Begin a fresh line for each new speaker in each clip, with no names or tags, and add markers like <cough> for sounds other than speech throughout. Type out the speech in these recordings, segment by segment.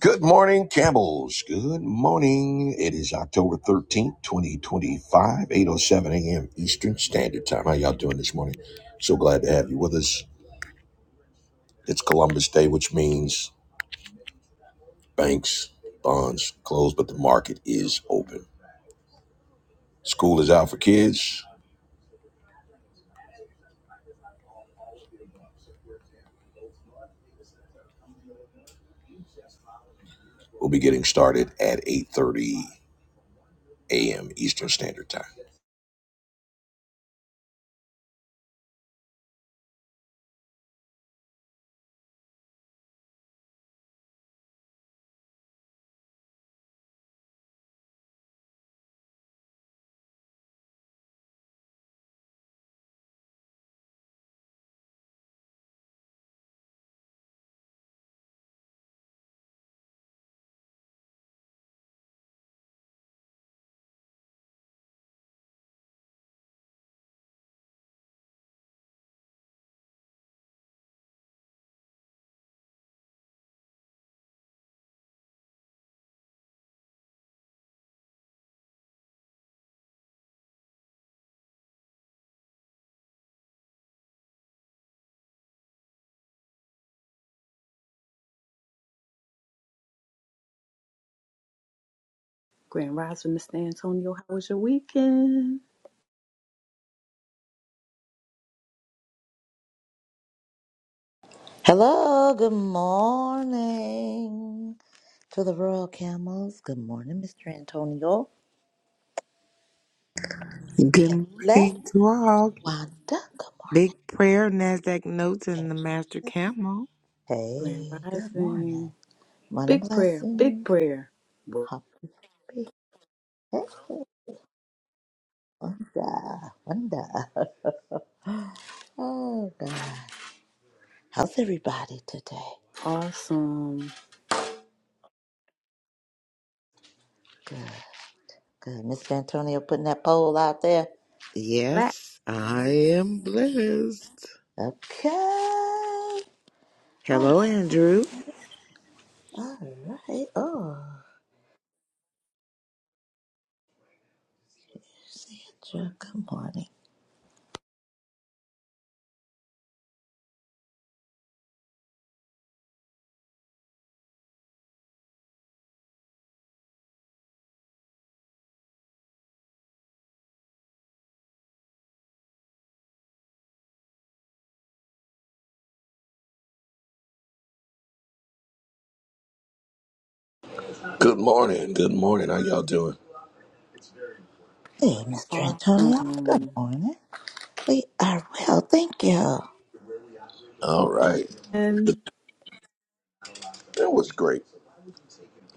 Good morning, Camels. Good morning. It is October 13th, eight oh seven a.m. Eastern Standard Time. How y'all doing this morning? So glad to have you with us. It's Columbus Day, which means banks, bonds closed, but the market is open. School is out for kids. We'll be getting started at 8.30 a.m. Eastern Standard Time.
Grand Rising, Mr. Antonio, how was your weekend?
Hello, good morning to the Royal Camels. Good morning, Mr. Antonio.
Good
Kelly,
morning to all.
Wanda, good morning.
Big prayer, NASDAQ notes, and the master camel.
Grand
Hey, good morning.
Rising.
Morning
Big prayer, big
blessings.
prayer. Well,
Happy birthday. hey, Wanda, Wanda. Oh, God. How's everybody today?
Awesome.
Good, good. Mr. Antonio putting that poll out there.
Black,
Yes, I am blessed.
Okay. All
Hello, Andrew.
all right. Oh, Sandra, good morning.
Good morning. Good morning. How y'all doing?
Hey, Mr. Antonio. Good
awesome.
morning. We are well, thank you.
All right.
And
That was great.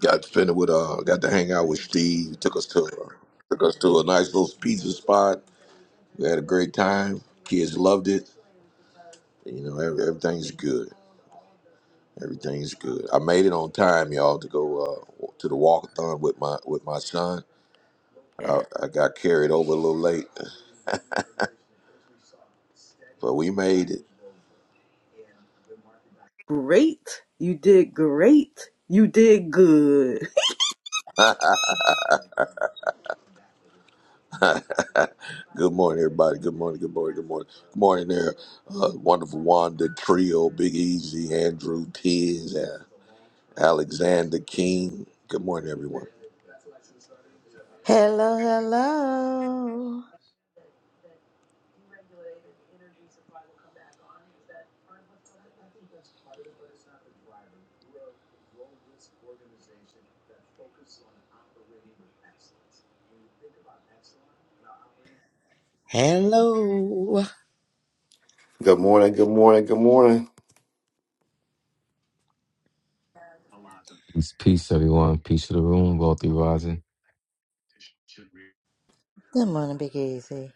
Got to spend it with uh, got to hang out with Steve. Took us to uh, took us to a nice little pizza spot. We had a great time. Kids loved it. You know, every, everything's good. Everything's good. I made it on time, y'all, to go uh, to the walkathon with my with my son. I,
yeah,
I got carried over a little late, but we made it.
great. You did great. You did good.
<laughs> good morning, everybody. Good morning. Good morning. Good morning. Good morning, there. Uh, wonderful Wanda Trio, Big Easy, Andrew Tiz, uh, Alexander King. Good morning, everyone.
Hello, hello.
Hello.
Good morning, good morning, good morning.
Peace, peace, everyone. Peace to the room, wealthy rising.
Good morning, Big Easy.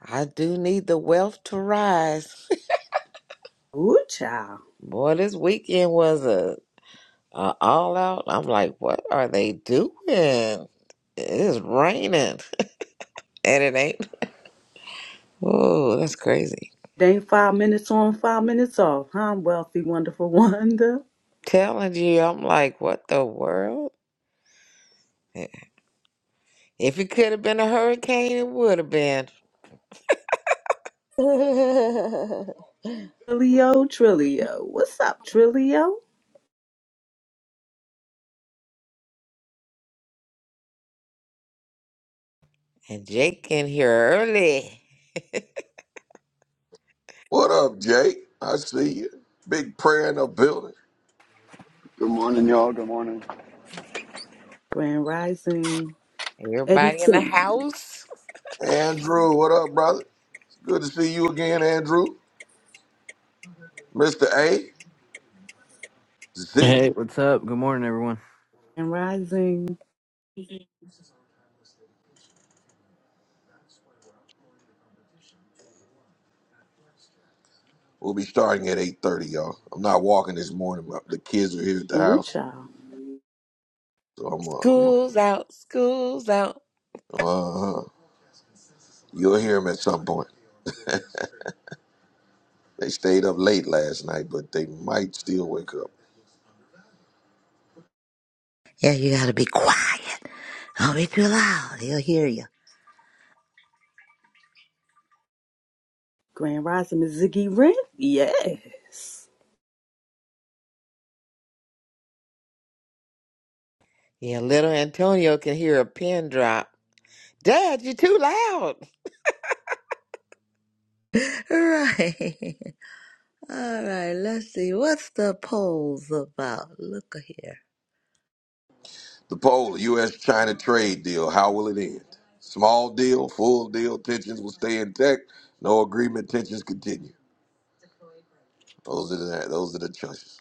I do need the wealth to rise. <laughs>
<laughs> Ooh, child.
Boy, this weekend was a, a all out. I'm like, what are they doing? It is raining <laughs> and it ain't. Oh, that's crazy.
It ain't five minutes on, five minutes off. huh? wealthy, wonderful <laughs> Wanda.
Telling you, I'm like, what the world? If it could have been a hurricane, it would have been.
<laughs>
Trilio, Trilio. What's up, Trilio?
And Jake in here early.
What up, Jake? I see you. Big prayer in the building.
Good morning, y'all. Good morning.
Grand Rising. Eddie
Everybody in the
King.
house.
Andrew, what up, brother? Good to see you again, Andrew. Mr. A, Ziggy.
Hey, what's up? Good morning, everyone.
Grand Rising.
We'll be starting at 8.30, y'all. I'm not walking this morning. but The kids are here at the
Ooh,
house.
child.
So I'm, uh, I'm
School's out. School's out.
uh, uh You'll hear them at some point. They stayed up late last night, but they might still wake up.
Yeah, you gotta be quiet. Don't be too loud. He'll hear you.
Grand Rising is Ziggy Rent? Yes.
Yeah, little Antonio can hear a pin drop. Dad, you're too loud.
<laughs> Right. All right, let's see. What's the polls about? Look here.
The poll, U.S.-China trade deal, how will it end? Small deal, full deal, tensions will stay intact. No agreement, tensions continue. Those are the those are the choices.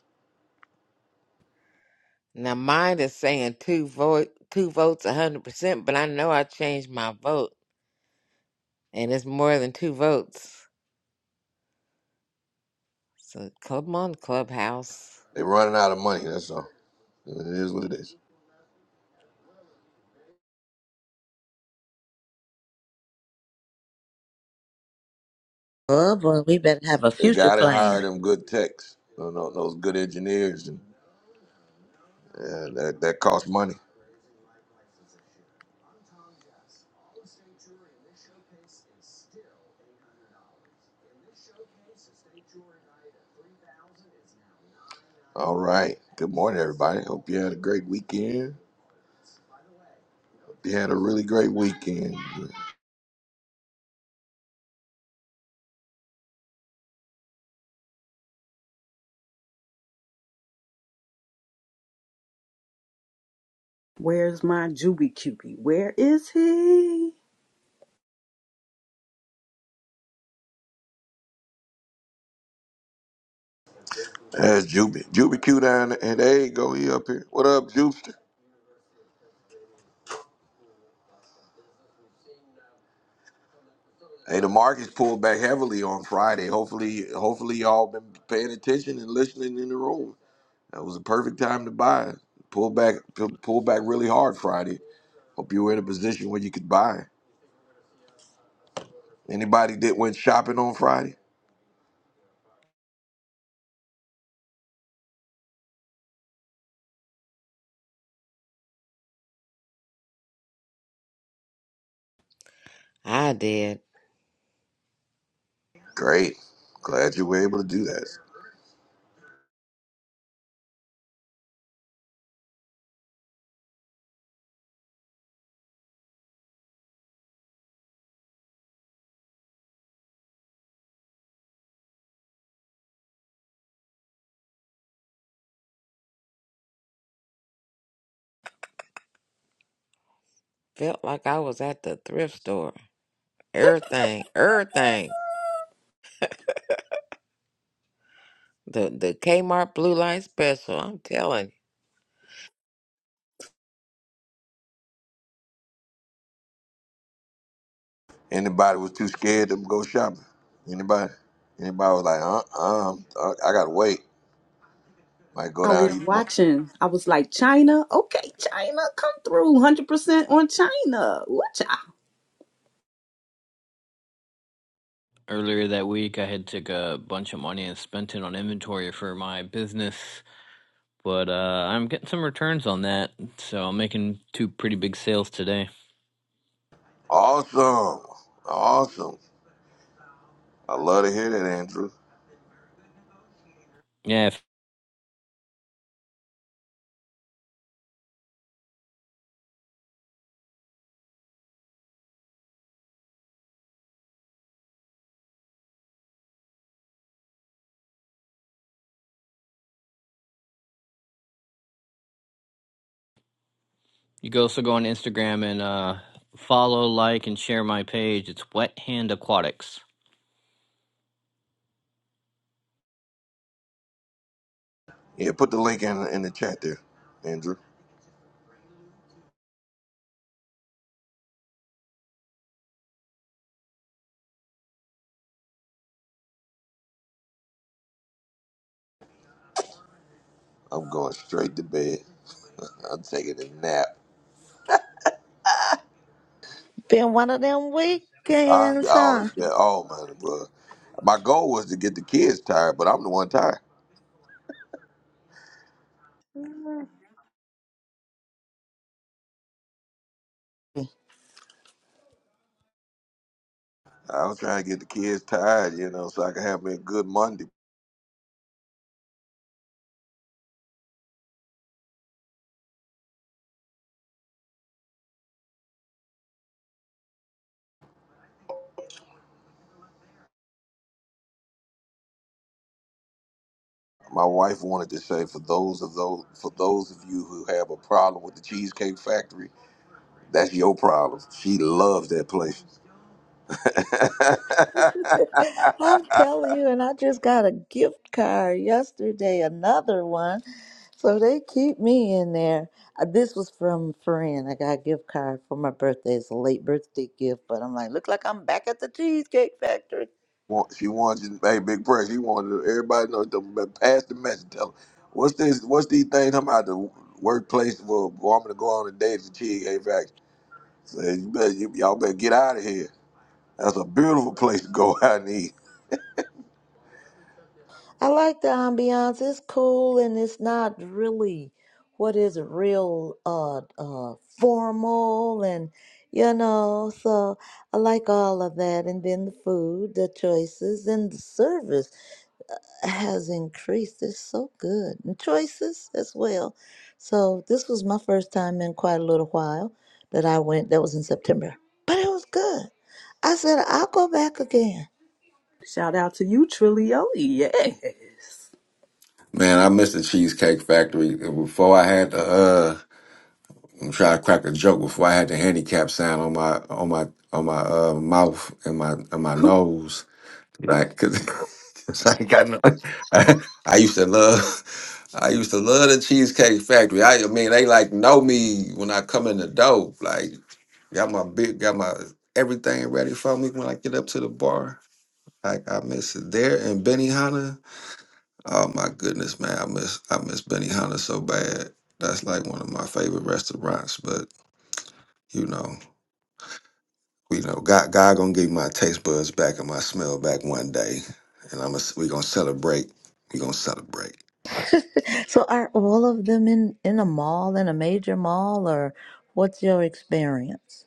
Now mine is saying two vote, two votes, a hundred percent. But I know I changed my vote, and it's more than two votes. So come on, Clubhouse.
They're running out of money. That's all. It is what it is.
Oh boy, we better have a
They
future
got to hire
plan.
them good techs, you know, those good engineers, and uh, that that costs money. All right. Good morning, everybody. Hope you had a great weekend. Hope you had a really great weekend.
Where's my Juby Cubie? Where is he?
That's Juby. Juby Q down there. and there you go. He up here. What up, Jubster? Hey, the markets pulled back heavily on Friday. Hopefully, hopefully y'all been paying attention and listening in the room. That was the perfect time to buy. Pull back, pull pull back really hard Friday. Hope you were in a position where you could buy. Anybody that went shopping on Friday?
I did.
Great. Glad you were able to do that.
Felt like I was at the thrift store. Everything, everything. The the Kmart blue light special. I'm telling. you.
Anybody was too scared to go shopping? Anybody? Anybody was like, uh, uh, uh, I gotta wait. Might go
I was
down even more.
watching. I was like, China? Okay, China, come through. 100% on China. Woocha.
Earlier that week, I had took a bunch of money and spent it on inventory for my business, but uh, I'm getting some returns on that, so I'm making two pretty big sales today.
Awesome. Awesome. I love to hear that, Andrew.
Yeah, if you can also go on Instagram and uh, follow, like, and share my page. It's Wet Hand Aquatics.
Yeah, put the link in, in the chat there, Andrew. I'm going straight to bed. I'm taking a nap.
Been one of them
I,
weekends,
I always
huh?
get, oh man, bro. My goal was to get the kids tired, but I'm the one tired. I was trying to get the kids tired, you know, so I could have me a good Monday. My wife wanted to say for those of those for those of you who have a problem with the Cheesecake Factory, that's your problem. She loves that place. <laughs>
<laughs> I'm telling you, and I just got a gift card yesterday, another one. So they keep me in there. Uh, This was from a friend. I got a gift card for my birthday. It's a late birthday gift, but I'm like, look like I'm back at the Cheesecake Factory.
Want- she wants you, hey, big press. She wanted everybody to know to pass the message. Tell them what's this? What's these things? I'm out the workplace for a woman to go on a date to Cheesecake Factory. Say, you better, you, y'all better get out of here. That's a beautiful place to go <laughs> out and eat.
I like the ambiance. It's cool and it's not really what is it, real uh uh formal and you know, so I like all of that and then the food, the choices and the service has increased. It's so good. And choices as well. So this was my first time in quite a little while that I went. That was in September. But it was good. I said, I'll go back again.
Shout out to you, Trillio. Yes.
Man, I miss the Cheesecake Factory. Before I had to uh I'm trying to crack a joke before I had the handicap sign on my on my on my uh mouth and my and my
<laughs>
nose. Like cause, <laughs> 'cause I ain't got no <laughs> I, I used to love I used to love the Cheesecake Factory. I, I mean they like know me when I come in the door. Like got my big got my everything ready for me when I get up to the bar. Like I miss it there and Benny Hanna. Oh my goodness, man! I miss I miss Benihana so bad. That's like one of my favorite restaurants. But you know, you know, God, God gonna give me my taste buds back and my smell back one day, and I'm a, we gonna celebrate. We gonna celebrate.
<laughs> so are all of them in, in a mall, in a major mall, or what's your experience?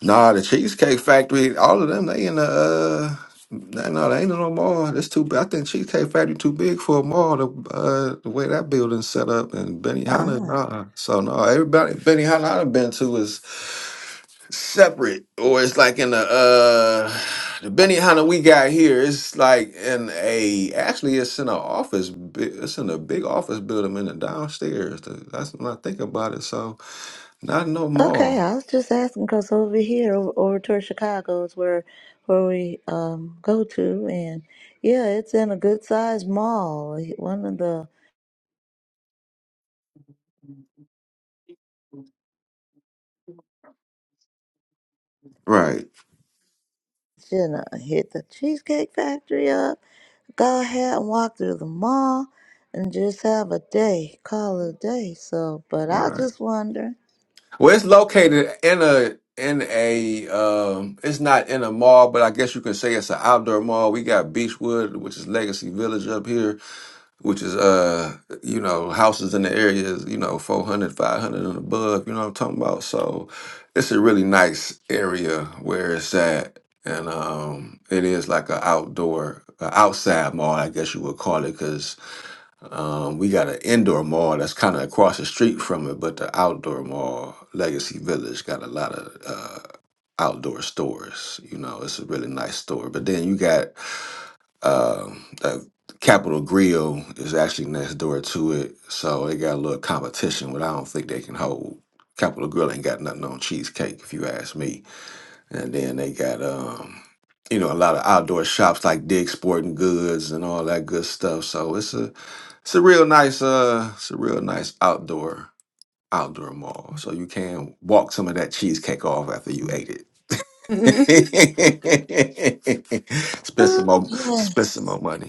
Nah, the Cheesecake Factory, all of them, they in the uh, no, no, they ain't in no mall. That's too. I think Cheesecake Factory too big for a mall. The uh, the way that building's set up and Benihana,
Ah,
nah. So no, everybody Benihana I've been to is separate or it's like in the uh the Benihana we got here it's like in a actually it's in an office bu- it's in a big office building in the downstairs Th- that's when I think about it so not no
okay.
more
I was just asking because over here, over, over toward Chicago is where where we um go to, and yeah, it's in a good sized mall. One of the
right
Shouldn't hit the Cheesecake Factory up, go ahead and walk through the mall and just have a day, call it a day. So, but I
right
just wonder.
well it's located in a in a um it's not in a mall but I guess you can say it's an outdoor mall we got Beechwood which is Legacy Village up here which is uh you know houses in the area is you know 400 500 and above you know what i'm talking about so it's a really nice area where it's at and um it is like an outdoor a outside mall i guess you would call it because um we got an indoor mall that's kind of across the street from it but the outdoor mall legacy village got a lot of uh outdoor stores you know it's a really nice store but then you got um that Capital Grill is actually next door to it, so they got a little competition, but I don't think they can hold. Capital Grill ain't got nothing on cheesecake, if you ask me. And then they got um, you know, a lot of outdoor shops like Dig Sporting Goods and all that good stuff. So it's a it's a real nice uh, it's a real nice outdoor outdoor mall. So you can walk some of that cheesecake off after you ate it.
Mm.
<laughs> spend some
Oh,
more, spend
yes.
some more money.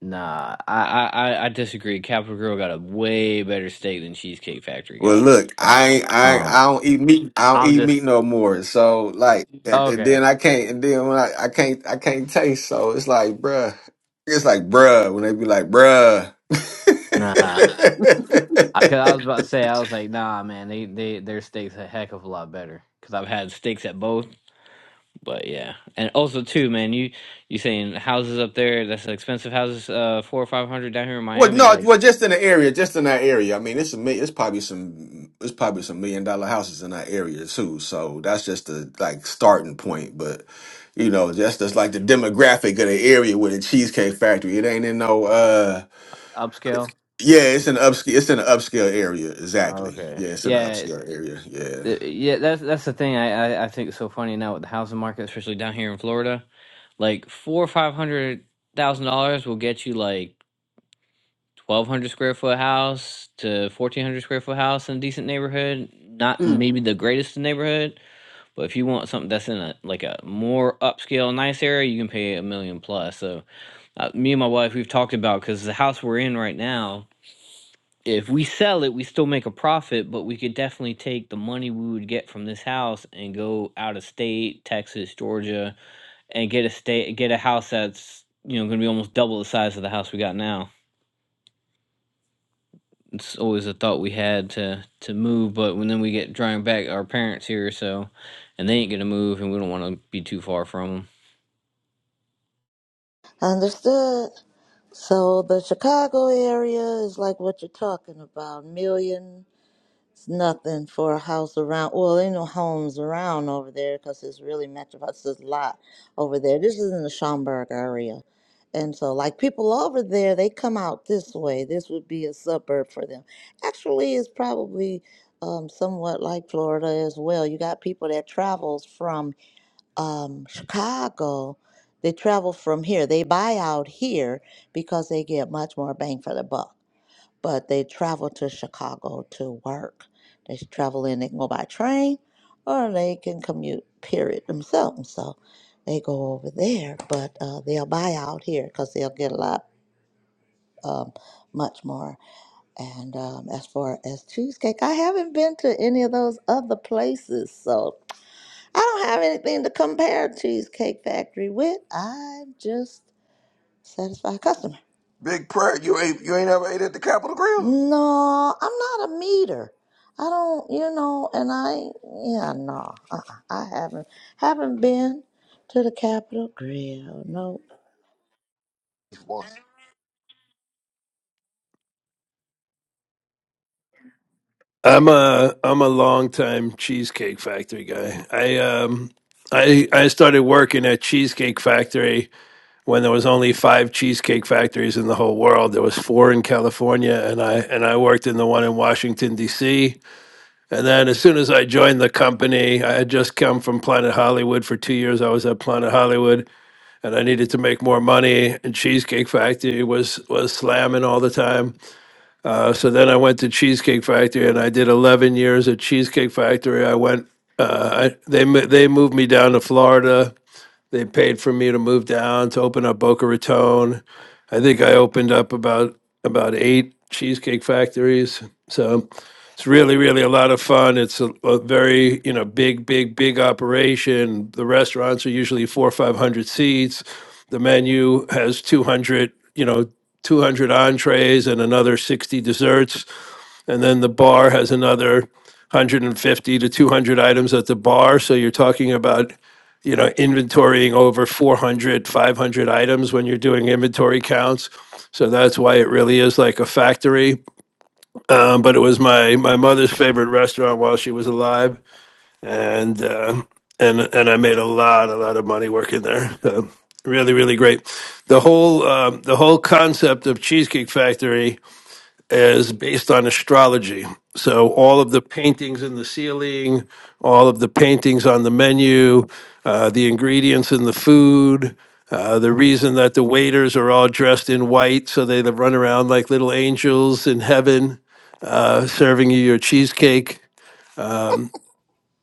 Nah, I I, I I disagree. Capital Girl got a way better steak than Cheesecake Factory
Well,
got.
look, I I
Um,
I don't eat meat. I don't
I'm
eat meat
just
no more. So like, and, and
okay.
then I can't, and then when I, I can't, I can't taste. So it's like, bruh, it's like, bruh, when they be like, bruh.
Nah. Because I, cause I was
<laughs>
about to say, I was like, nah, man, they, they their steaks a heck of a lot better. Cause I've had steaks at both, but yeah, and also too, man, you you saying houses up there that's expensive houses, uh, four or five hundred down here in
well,
Miami,
no,
like
well, just in the area, just in that area. I mean, it's a mi- it's probably some, it's probably some million dollar houses in that area too. So that's just the like starting point, but. You know, just as like the demographic of the area with the Cheesecake Factory, it ain't in no uh
upscale.
Yeah, it's an upscale. It's in an upscale area. Exactly.
Okay,
Yeah, it's in an
yeah,
upscale area. Yeah.
th- yeah, that's that's the thing I, I I think is so funny now with the housing market, especially down here in Florida. Like four or five hundred thousand dollars will get you like twelve hundred square foot house to fourteen hundred square foot house in a decent neighborhood. Not maybe the greatest neighborhood, but if you want something that's in a like a more upscale, nice area, you can pay a million plus. So uh, me and my wife, we've talked about because the house we're in right now. If we sell it, we still make a profit, but we could definitely take the money we would get from this house and go out of state, Texas, Georgia, and get a state, get a house that's you know going to be almost double the size of the house we got now. it's always a thought we had to to move, but when then we get drawing back our parents here, so and they ain't gonna move, and we don't want to be too far from them.
Understood. So the Chicago area is like what you're talking about, million. It's nothing for a house around. Well, ain't no homes around over there because it's really metropolis. There's a lot over there. This is in the Schaumburg area. And so, like people over there, they come out this way. This would be a suburb for them. Actually, it's probably um, somewhat like Florida as well. You got people that travels from um, Chicago. They travel from here. They buy out here because they get much more bang for the buck but they travel to Chicago to work. They travel in, they can go by train or they can commute, period, themselves. So they go over there, but uh, they'll buy out here because they'll get a lot, um, much more. And um, as far as cheesecake, I haven't been to any of those other places. So I don't have anything to compare Cheesecake Factory with. I'm just satisfied customer.
Big prayer, you ain't you ain't ever ate at the Capitol Grill?
No, I'm not a meter. I don't, you know, and I, yeah, no, uh-uh, I haven't, haven't been to the Capitol Grill. No,
Boy.
I'm a I'm a long time Cheesecake Factory guy. I um I I started working at Cheesecake Factory when there was only five cheesecake factories in the whole world. There was four in California, and I and I worked in the one in Washington D.C. And then as soon as I joined the company, I had just come from Planet Hollywood for two years. I was at Planet Hollywood, and I needed to make more money. And Cheesecake Factory was was slamming all the time. Uh, so then I went to Cheesecake Factory, and I did 11 years at Cheesecake Factory. I went. Uh, I, they they moved me down to Florida they paid for me to move down to open up Boca Raton. I think I opened up about about eight cheesecake factories. So it's really, really a lot of fun. It's a, a very, you know, big, big, big operation. The restaurants are usually four or five hundred seats. The menu has two hundred, you know, two hundred entrees and another sixty desserts. And then the bar has another 150 to 200 items at the bar. So you're talking about, you know, inventorying over 400, 500 items when you're doing inventory counts. So that's why it really is like a factory. Um, but it was my my mother's favorite restaurant while she was alive, and uh, and and I made a lot a lot of money working there. So really really great. The whole um, the whole concept of Cheesecake Factory is based on astrology. So all of the paintings in the ceiling, all of the paintings on the menu, uh, the ingredients in the food, uh, the reason that the waiters are all dressed in white so they run around like little angels in heaven uh, serving you your cheesecake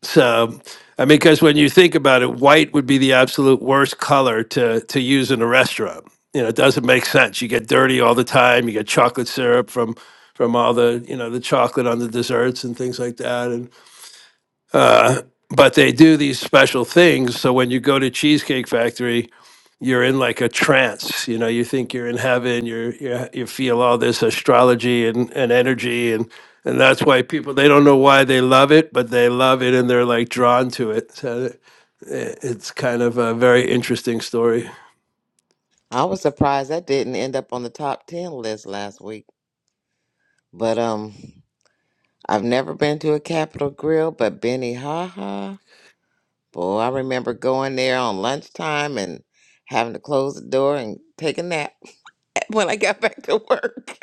so, I mean, because when you think about it, white would be the absolute worst color to to use in a restaurant. You know, it doesn't make sense. You get dirty all the time. You get chocolate syrup from from all the you know the chocolate on the desserts and things like that. And uh, but they do these special things. So when you go to Cheesecake Factory, you're in like a trance you know you think you're in heaven you're, you you feel all this astrology and, and energy and and that's why people they don't know why they love it but they love it and they're like drawn to it so i- it's kind of a very interesting story
I was surprised that didn't end up on the top 10 list last week. But um I've never been to a Capitol Grill, but Benny Haha. Boy, I remember going there on lunchtime and having to close the door and take a nap <laughs> when I got back to work.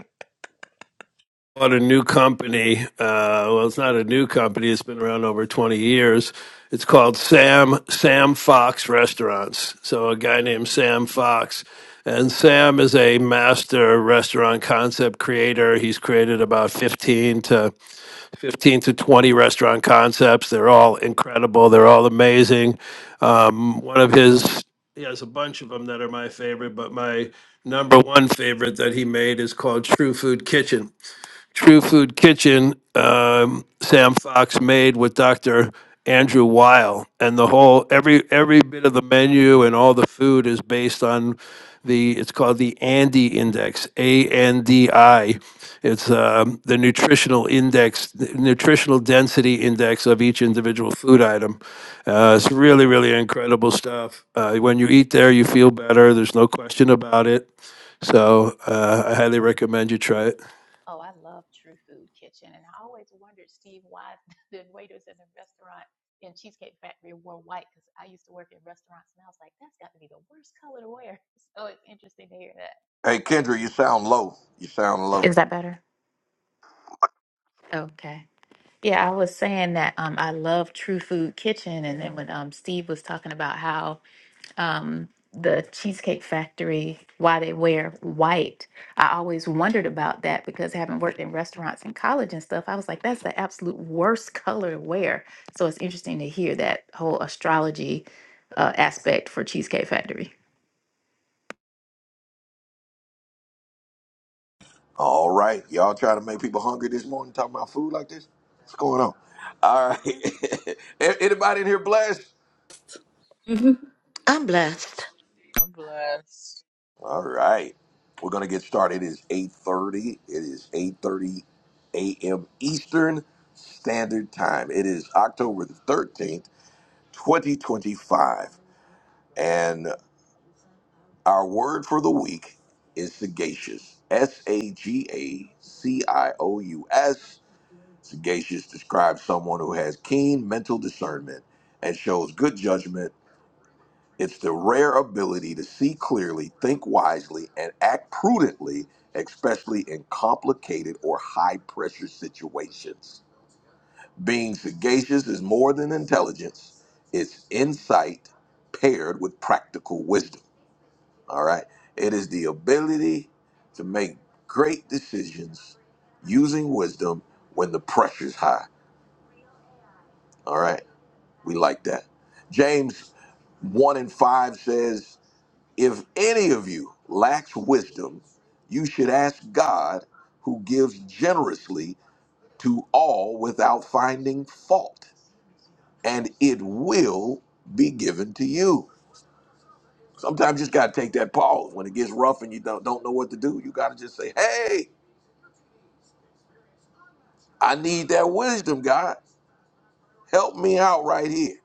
bought a new company. Uh, well, it's not a new company. It's been around over 20 years. It's called Sam Sam Fox Restaurants. So a guy named Sam Fox, and Sam is a master restaurant concept creator. He's created about 15 to 15 to 20 restaurant concepts. They're all incredible. They're all amazing. Um, one of his he has a bunch of them that are my favorite, but my number one favorite that he made is called True Food Kitchen True Food Kitchen, um, Sam Fox made with Dr. Andrew Weil, and the whole every every bit of the menu and all the food is based on the it's called the Andy Index, A N D I. It's um, the nutritional index, the nutritional density index of each individual food item. Uh, it's really really incredible stuff. Uh, when you eat there, you feel better. There's no question about it. So uh, I highly recommend you try it.
Oh, I love True Food Kitchen. And I always wondered, Steve, why <laughs> the waiters in the restaurant in Cheesecake Factory wore white because I used to work in restaurants and I was like, that's got to be the worst color to wear. <laughs> So it's interesting to hear that.
Hey Kendra, you sound low. You sound low.
Is that better? Okay. Yeah, I was saying that um I love True Food Kitchen and then when um Steve was talking about how um, the Cheesecake Factory, why they wear white. I always wondered about that because having worked in restaurants in college and stuff, I was like, that's the absolute worst color to wear. So it's interesting to hear that whole astrology uh, aspect for Cheesecake Factory.
All right. Y'all trying to make people hungry this morning talking about food like this? What's going on? All right. <laughs> A- Anybody in here blessed?
I'm blessed.
I'm blessed.
All right. We're gonna get started. It is 8.30. It is 8.30 a.m. Eastern Standard Time. It is October the 13th, 2025. And our word for the week is sagacious. S A G A C I O U S. Sagacious describes someone who has keen mental discernment and shows good judgment. It's the rare ability to see clearly, think wisely, and act prudently, especially in complicated or high pressure situations. Being sagacious is more than intelligence, it's insight paired with practical wisdom. All right. It is the ability to make great decisions using wisdom when the pressure's high. All right. We like that. James 1 and 5 says, If any of you lacks wisdom, you should ask God who gives generously to all without finding fault, and it will be given to you. Sometimes you just got to take that pause. When it gets rough and you don't, don't know what to do, you got to just say, Hey, I need that wisdom, God. Help me out right here.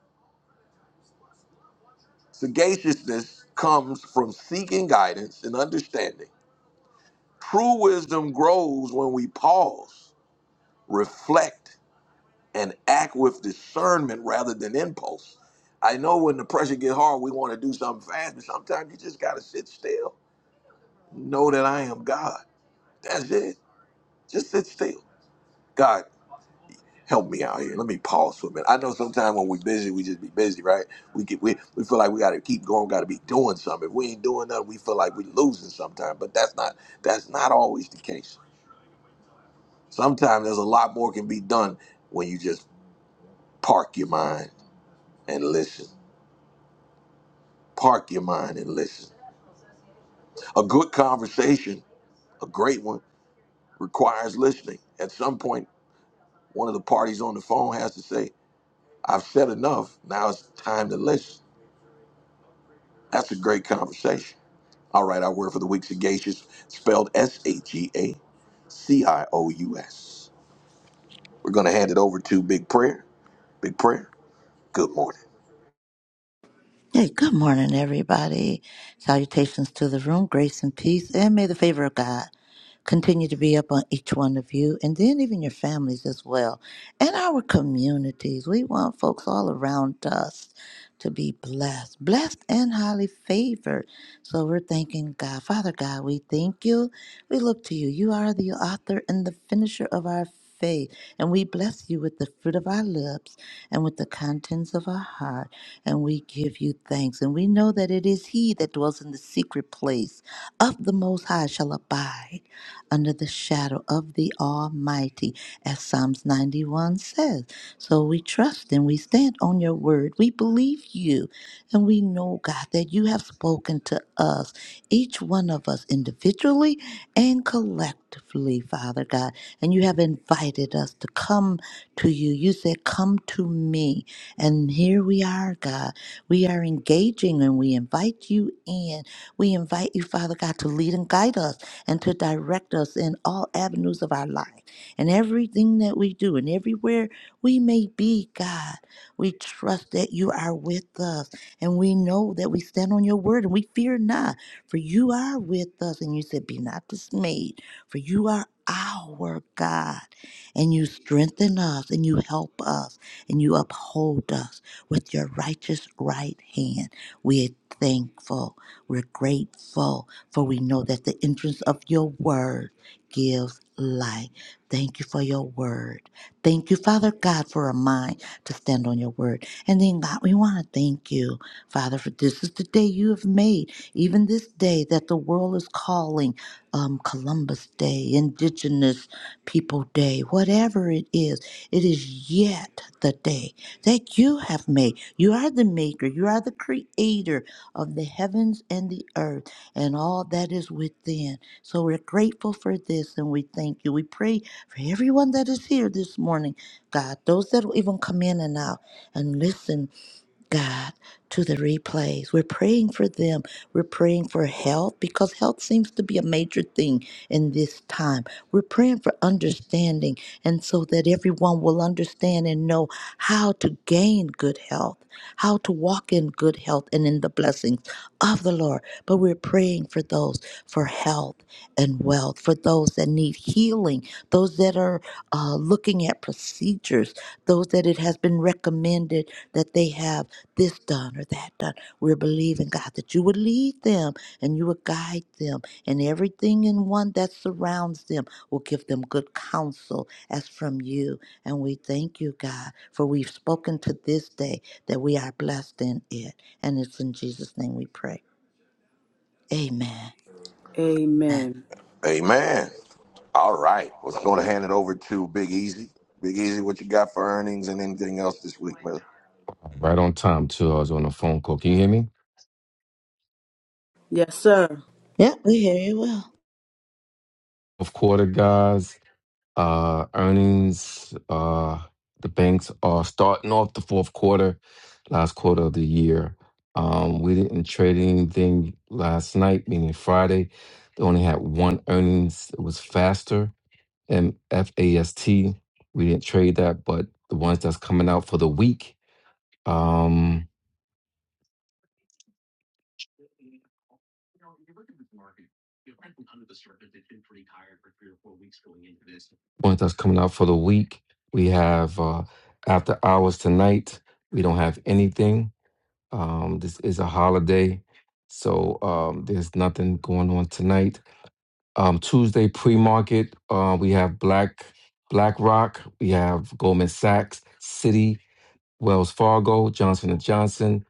Sagaciousness comes from seeking guidance and understanding. True wisdom grows when we pause, reflect, and act with discernment rather than impulse. I know when the pressure get hard, we want to do something fast, but sometimes you just got to sit still. Know that I am God. That's it. Just sit still. God, help me out here. Let me pause for a minute. I know sometimes when we're busy, we just be busy, right? We get we, we feel like we gotta keep going, gotta be doing something. If we ain't doing nothing, we feel like we losing sometimes. But that's not that's not always the case. Sometimes there's a lot more can be done when you just park your mind and listen. Park your mind and listen. A good conversation, a great one, requires listening. At some point, one of the parties on the phone has to say, I've said enough. Now it's time to listen. That's a great conversation All right, our word for the week, sagacious, spelled S H E A C I O U S. We're going to hand it over to Big Prayer. Big Prayer, good morning.
Hey, good morning, everybody. Salutations to the room, grace and peace, and may the favor of God continue to be up on each one of you, and then even your families as well, and our communities. We want folks all around us to be blessed, blessed and highly favored. So we're thanking God. Father God, we thank you. We look to you. You are the author and the finisher of our faith, and we bless you with the fruit of our lips and with the contents of our heart and we give you thanks. And we know that it is He that dwells in the secret place of the Most High shall abide under the shadow of the Almighty, as Psalms 91 says. So we trust and we stand on your word. We believe you, and we know, God, that you have spoken to us, each one of us individually and collectively, Father God. And you have invited us to come to you. You said, Come to me. And here we are, God. We are engaging and we invite you in. We invite you, Father God, to lead and guide us and to direct us in all avenues of our life and everything that we do and everywhere we may be, God. We trust that you are with us and we know that we stand on your word and we fear not, for you are with us. And you said, Be not dismayed, for you are our God and you strengthen us and you help us and you uphold us with your righteous right hand. We are thankful. We're grateful, for we know that the entrance of your word gives life. Thank you for your word. Thank you, Father God, for a mind to stand on your word. And then, God, we want to thank you, Father, for this is the day you have made, even this day that the world is calling um, Columbus Day, Indigenous People Day, whatever it is. It is yet the day that you have made. You are the maker, you are the creator of the heavens and the earth and all that is within. So we're grateful for this and we thank you. We pray for everyone that is here this morning, God, those that will even come in and out and listen God, to the replays. We're praying for them. We're praying for health because health seems to be a major thing in this time. We're praying for understanding and so that everyone will understand and know how to gain good health, how to walk in good health and in the blessings of the Lord. But we're praying for those for health and wealth, for those that need healing, those that are uh, looking at procedures, those that it has been recommended that they have this done or that done. We're believing, God, that you would lead them and you would guide them, and everything in one that surrounds them will give them good counsel as from you. And we thank you, God, for we've spoken to this day that we are blessed in it. And it's in Jesus' name we pray. Amen. Amen.
Amen.
Amen. All right, right, we're going to hand it over to Big Easy. Big Easy, what you got for earnings and anything else this week, man?
Right on time, too. I was on a phone call. Can you hear me?
Yes, sir.
Yep, we hear you well.
Fourth quarter, guys. Uh, earnings. Uh, the banks are starting off the fourth quarter, last quarter of the year. Um, we didn't trade anything last night, meaning Friday. They only had one earnings. It was faster and FAST. We didn't trade that, but the ones that's coming out for the week. Um. One that's coming out for the week. We have uh, after hours tonight. We don't have anything. Um, this is a holiday, so um, there's nothing going on tonight. Um, Tuesday pre-market. Uh, we have Black BlackRock. We have Goldman Sachs, Citi, Wells Fargo, Johnson and Johnson.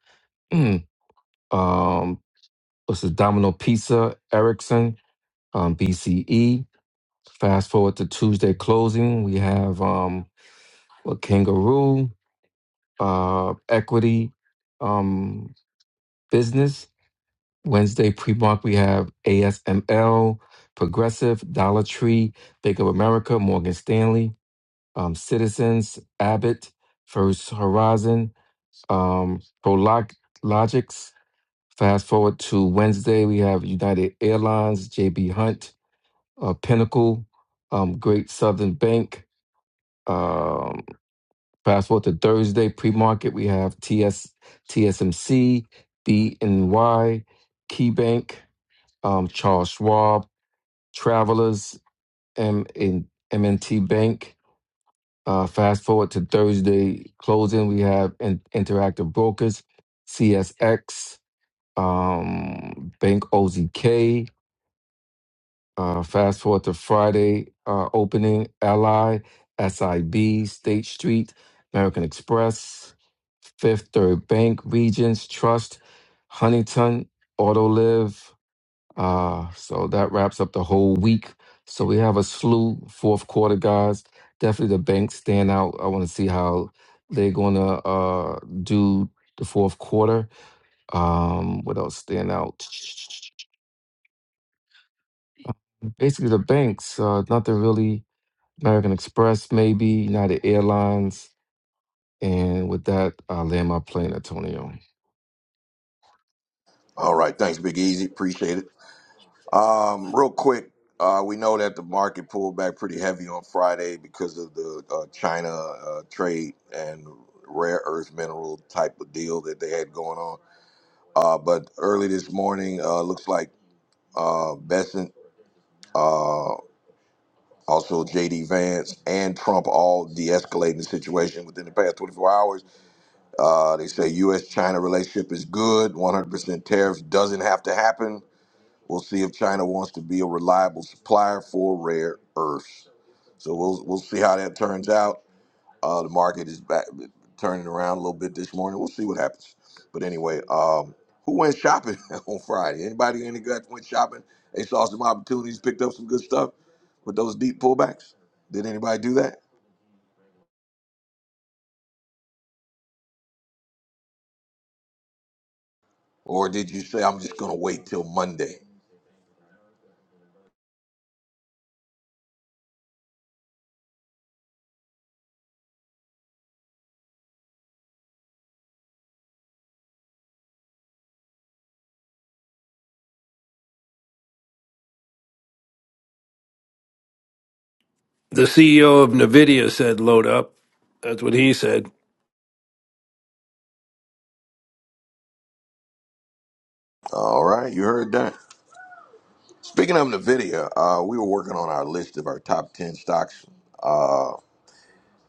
<clears throat> um, what's the Domino Pizza, Ericsson, um, BCE. Fast forward to Tuesday closing. We have. Um, with Kangaroo, uh, Equity, um, Business. Wednesday pre mark, we have ASML, Progressive, Dollar Tree, Bank of America, Morgan Stanley, um, Citizens, Abbott, First Horizon, um, Prolog- Logics. Fast forward to Wednesday, we have United Airlines, JB Hunt, uh, Pinnacle, um, Great Southern Bank. um, Fast forward to Thursday pre-market, we have T S T S M C B N Y, KeyBank, um, Charles Schwab, Travelers, M- in M&T Bank. Uh, fast forward to Thursday closing, we have in- Interactive Brokers, CSX, um, Bank OZK, Uh, fast forward to Friday uh, opening, Ally, SIB, State Street, American Express, Fifth Third Bank, Regions Trust, Huntington, Autoliv. Uh, so that wraps up the whole week. So we have a slew fourth quarter guys. Definitely the banks stand out. I want to see how they're going to uh, do the fourth quarter. Um, what else stand out? Basically, the banks. Uh, nothing really American Express, maybe United Airlines. And with that, I land my plane, Antonio.
All right, thanks, Big Easy. Appreciate it. Um, real quick, uh, we know that the market pulled back pretty heavy on Friday because of the uh, China uh, trade and rare earth mineral type of deal that they had going on. Uh, but early this morning, uh, looks like uh, Besant, uh, also JD Vance, and Trump all de escalating the situation within the past 24 hours. Uh, they say U.S. China relationship is good, 100% tariffs doesn't have to happen. We'll see if China wants to be a reliable supplier for rare earths. So we'll, we'll see how that turns out. Uh, the market is back turning around a little bit this morning. We'll see what happens. But anyway, um, who went shopping <laughs> on Friday? Anybody in the gut went shopping? They saw some opportunities, picked up some good stuff with those deep pullbacks. Did anybody do that? Or did you say I'm just gonna wait till Monday?
The CEO of NVIDIA said, load up. That's what he said.
All right, you heard that. Speaking of Nvidia, uh, we were working on our list of our top ten stocks, uh,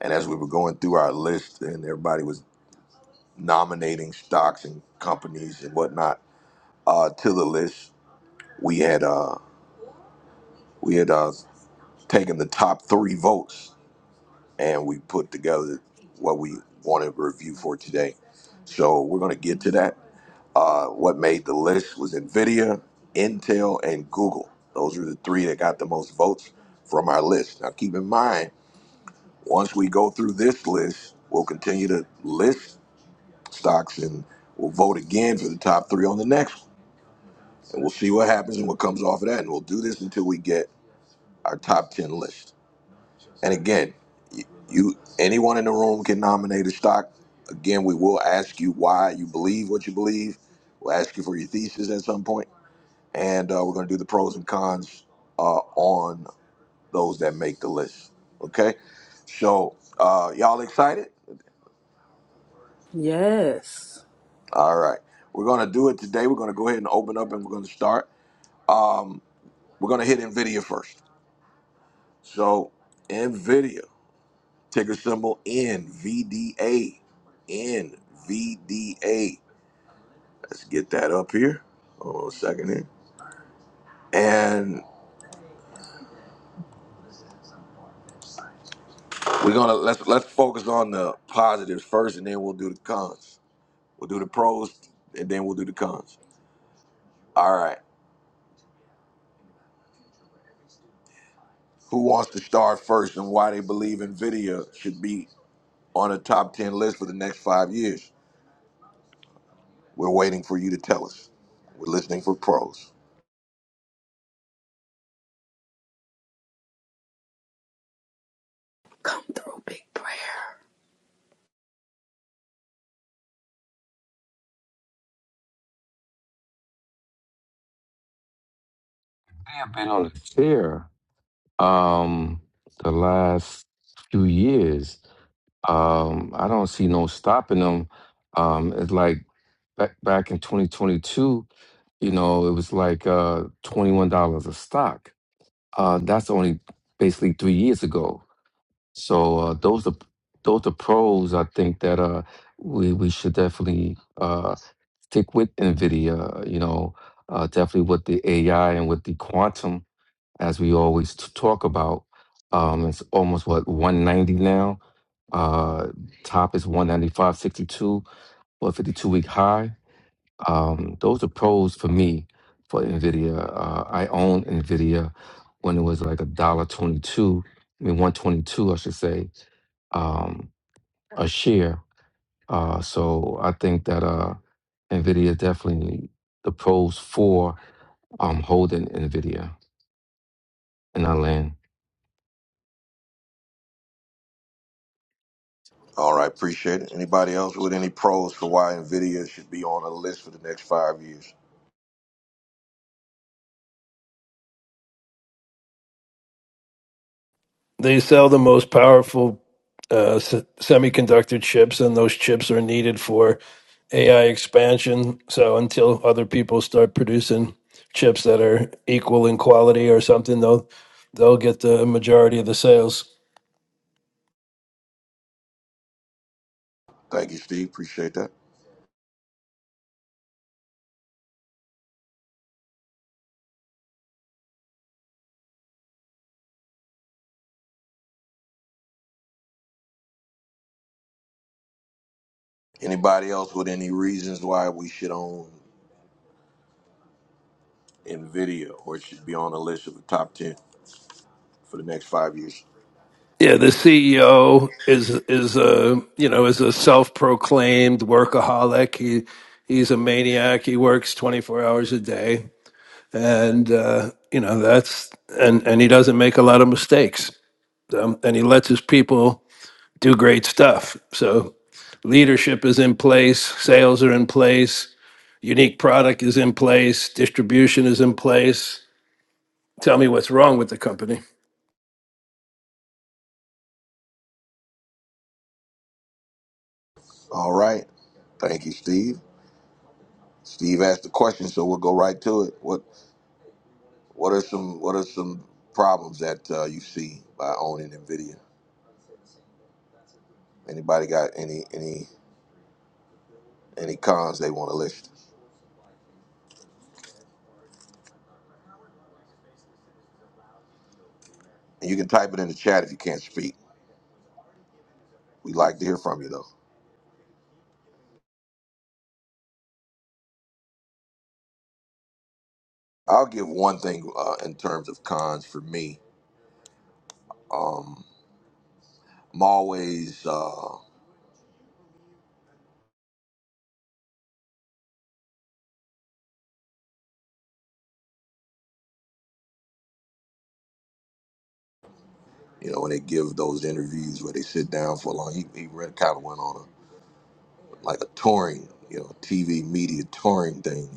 and as we were going through our list, and everybody was nominating stocks and companies and whatnot uh, to the list. We had uh, we had uh, taken the top three votes and we put together what we wanted to review for today. So we're going to get to that. Uh, what made the list was NVIDIA, Intel, and Google. Those are the three that got the most votes from our list. Now keep in mind, once we go through this list, we'll continue to list stocks and we'll vote again for the top three on the next one. And we'll see what happens and what comes off of that. And we'll do this until we get our top 10 list. And again, you, you anyone in the room can nominate a stock. Again, we will ask you why you believe what you believe. We'll ask you for your thesis at some point, and uh, we're going to do the pros and cons uh, on those that make the list. Okay, so uh, y'all excited?
Yes.
All right, we're going to do it today. We're going to go ahead and open up, and we're going to start. Um, we're going to hit Nvidia first. So Nvidia. Ticker symbol NVDA. NVDA. Let's get that up here. Hold on a second here. And we're gonna let's let's focus on the positives first and then we'll do the cons. We'll do the pros and then we'll do the cons. All right. Who wants to start first and why they believe Nvidia should be on a top ten list for the next five years? We're waiting for you to tell us. We're listening for pros.
Come through, big prayer.
I have been on a tear um, the last few years. Um, I don't see no stopping them. Um, it's like back back in 2022, you know, it was like uh, $21 a stock. Uh, that's only basically three years ago. So uh, those are those are pros. I think that uh, we we should definitely uh, stick with NVIDIA, you know, uh, definitely with the AI and with the quantum, as we always t- talk about. Um, it's almost what 190 now. Uh, top is 195.62 or a 52 week high. Um, those are pros for me for NVIDIA. Uh, I own NVIDIA when it was like a dollar 22, I mean, 122, I should say, um, a share. Uh, so I think that uh, NVIDIA definitely the pros for um, holding NVIDIA in our land.
All right, appreciate it. Anybody else with any pros for why NVIDIA should be on a list for the next five years?
They sell the most powerful uh, s- semiconductor chips, and those chips are needed for AI expansion. So until other people start producing chips that are equal in quality or something, they'll they'll get the majority of the sales.
Thank you, Steve. Appreciate that. Anybody else with any reasons why we should own NVIDIA or it should be on the list of the top 10 for the next five years?
Yeah, the CEO is is a you know is a self proclaimed workaholic. He he's a maniac. He works twenty four hours a day. and uh, you know that's and and he doesn't make a lot of mistakes um, and he lets his people do great stuff so leadership is in place sales are in place unique product is in place distribution is in place tell me what's wrong with the company
All right. Thank you, Steve. Steve asked the question, so we'll go right to it. What What are some What are some problems that uh, you see by owning NVIDIA? Anybody got any any any cons they want to list? And you can type it in the chat if you can't speak. We like to hear from you, though. I'll give one thing uh, in terms of cons for me. I'm always, uh, you know, when they give those interviews where they sit down for a long, he, he really kind of went on a, like a touring, you know, TV media touring thing.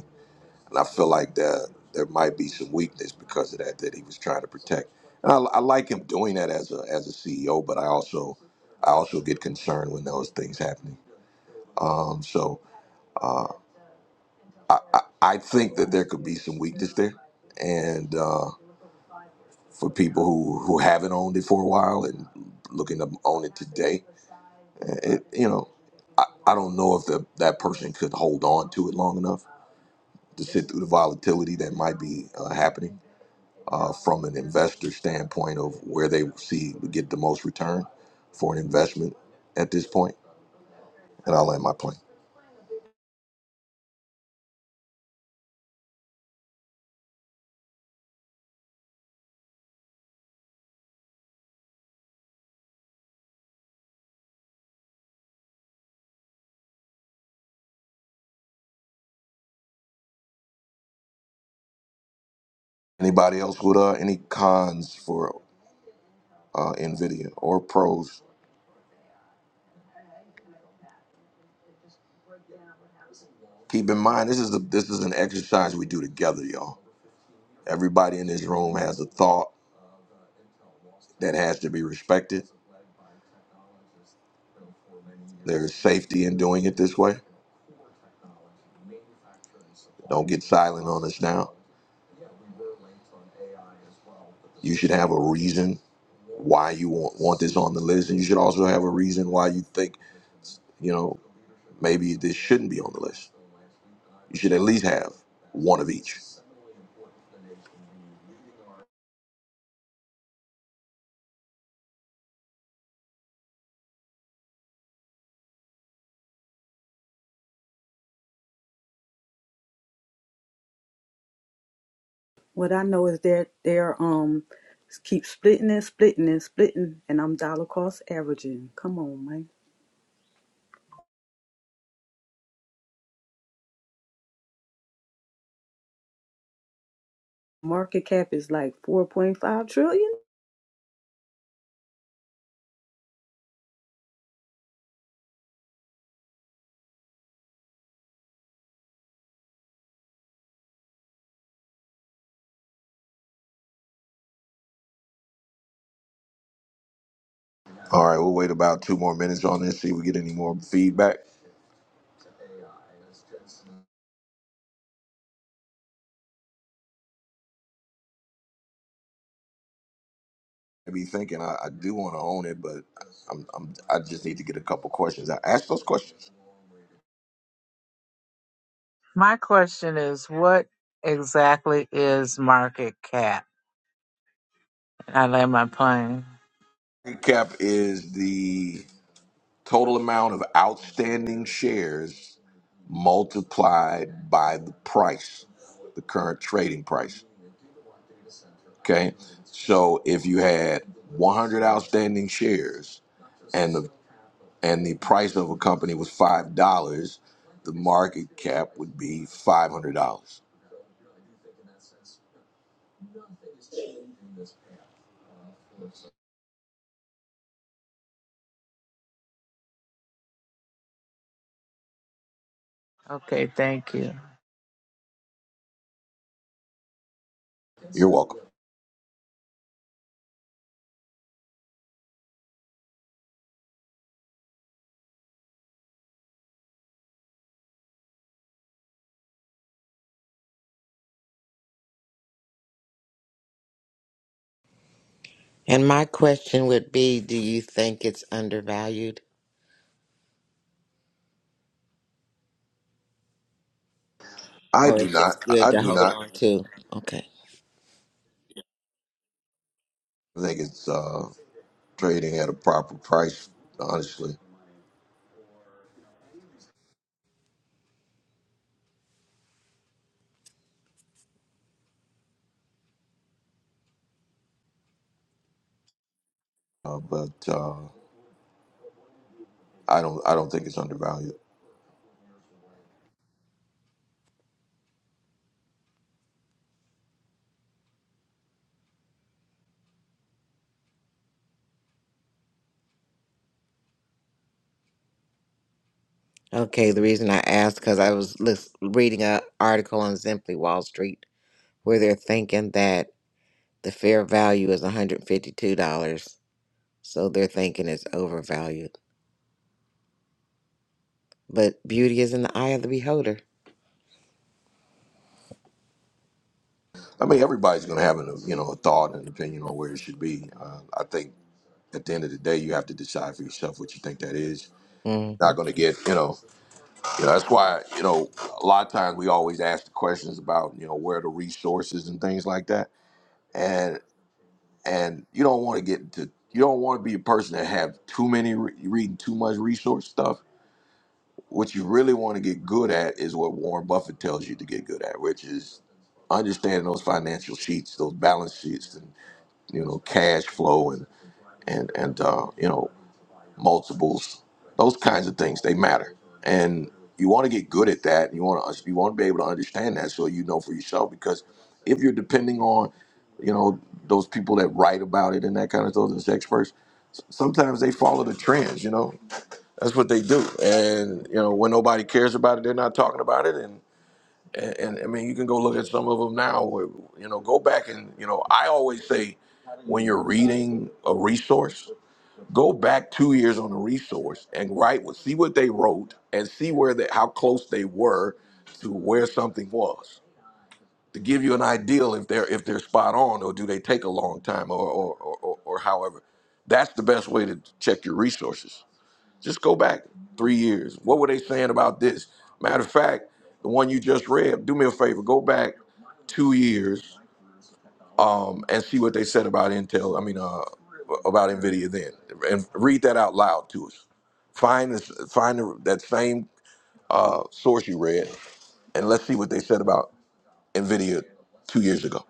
And I feel like that there might be some weakness because of that, that he was trying to protect. And I, I like him doing that as a, as a CEO, but I also, I also get concerned when those things happening. Um, so I, I, I think that there could be some weakness there. And, uh, for people who who haven't owned it for a while and looking to own it today. It, you know, I, I don't know if the, that person could hold on to it long enough to sit through the volatility that might be uh, happening uh, from an investor standpoint of where they see would get the most return for an investment at this point. And I'll land my plane. Anybody else with uh, any cons for uh, Nvidia or pros? Keep in mind, this is a, this is an exercise we do together, y'all Everybody in this room has a thought that has to be respected. There's safety in doing it this way. Don't get silent on us now. You should have a reason why you want, want this on the list, and you should also have a reason why you think, you know, maybe this shouldn't be on the list. You should at least have one of each.
What I know is that they're um keep splitting and splitting and splitting, and I'm dollar cost averaging. Come on, man. Market cap is like 4.5 trillion.
All right, we'll wait about two more minutes on this, see if we get any more feedback. I be thinking I, I do want to own it, but I'm, I'm I just need to get a couple questions. I ask those questions.
My question is, what exactly is market cap? I land my plane.
Recap is the total amount of outstanding shares multiplied by the price, the current trading price. Okay. So if you had 100 outstanding shares and the and the price of a company was five dollars, the market cap would be five hundred dollars.
Okay, thank you.
You're welcome.
And my question would be, do you think it's undervalued
I
or
do
it's just
not.
good
I
to
do
hold
not
on to? Okay.
I think it's uh, trading at a proper price, honestly. Uh, but uh, I don't. I don't think it's undervalued.
Okay, the reason I asked because I was lis- reading an article on Simply Wall Street where they're thinking that The fair value is $152, so they're thinking it's overvalued. But beauty is in the eye of the beholder.
I mean, everybody's going to have an, you know, a thought and opinion on where it should be. Uh, I think at the end of the day, you have to decide for yourself what you think that is.
hmm
Not going to get, you know, you know, that's why, you know, a lot of times we always ask the questions about, you know, where are the resources and things like that. And and you don't want to get to, you don't want to be a person that have too many re- reading too much resource stuff. What you really want to get good at is what Warren Buffett tells you to get good at, which is understanding those financial sheets, those balance sheets, you know, cash flow and and and uh, you know multiples, those kinds of things. They matter, and you want to get good at that. You want to you want to be able to understand that so you know for yourself because if you're depending on, you know, those people that write about it and that kind of stuff, those experts, s- sometimes they follow the trends. You know, that's what they do, and you know when nobody cares about it, they're not talking about it, and, and I mean, you can go look at some of them now. Where, you know, go back and you know, I always say when you're reading a resource, go back two years on the resource and write what, see what they wrote, and see where they, how close they were to where something was to give you an idea if they're if they're spot on or do they take a long time or or or, or, or however. That's the best way to check your resources. Just go back three years. What were they saying about this? Matter of fact, the one you just read, do me a favor, go back two years um, and see what they said about Intel, I mean, uh, about NVIDIA then, and read that out loud to us. Find, this, find the, that same uh, source you read, and let's see what they said about NVIDIA two years ago.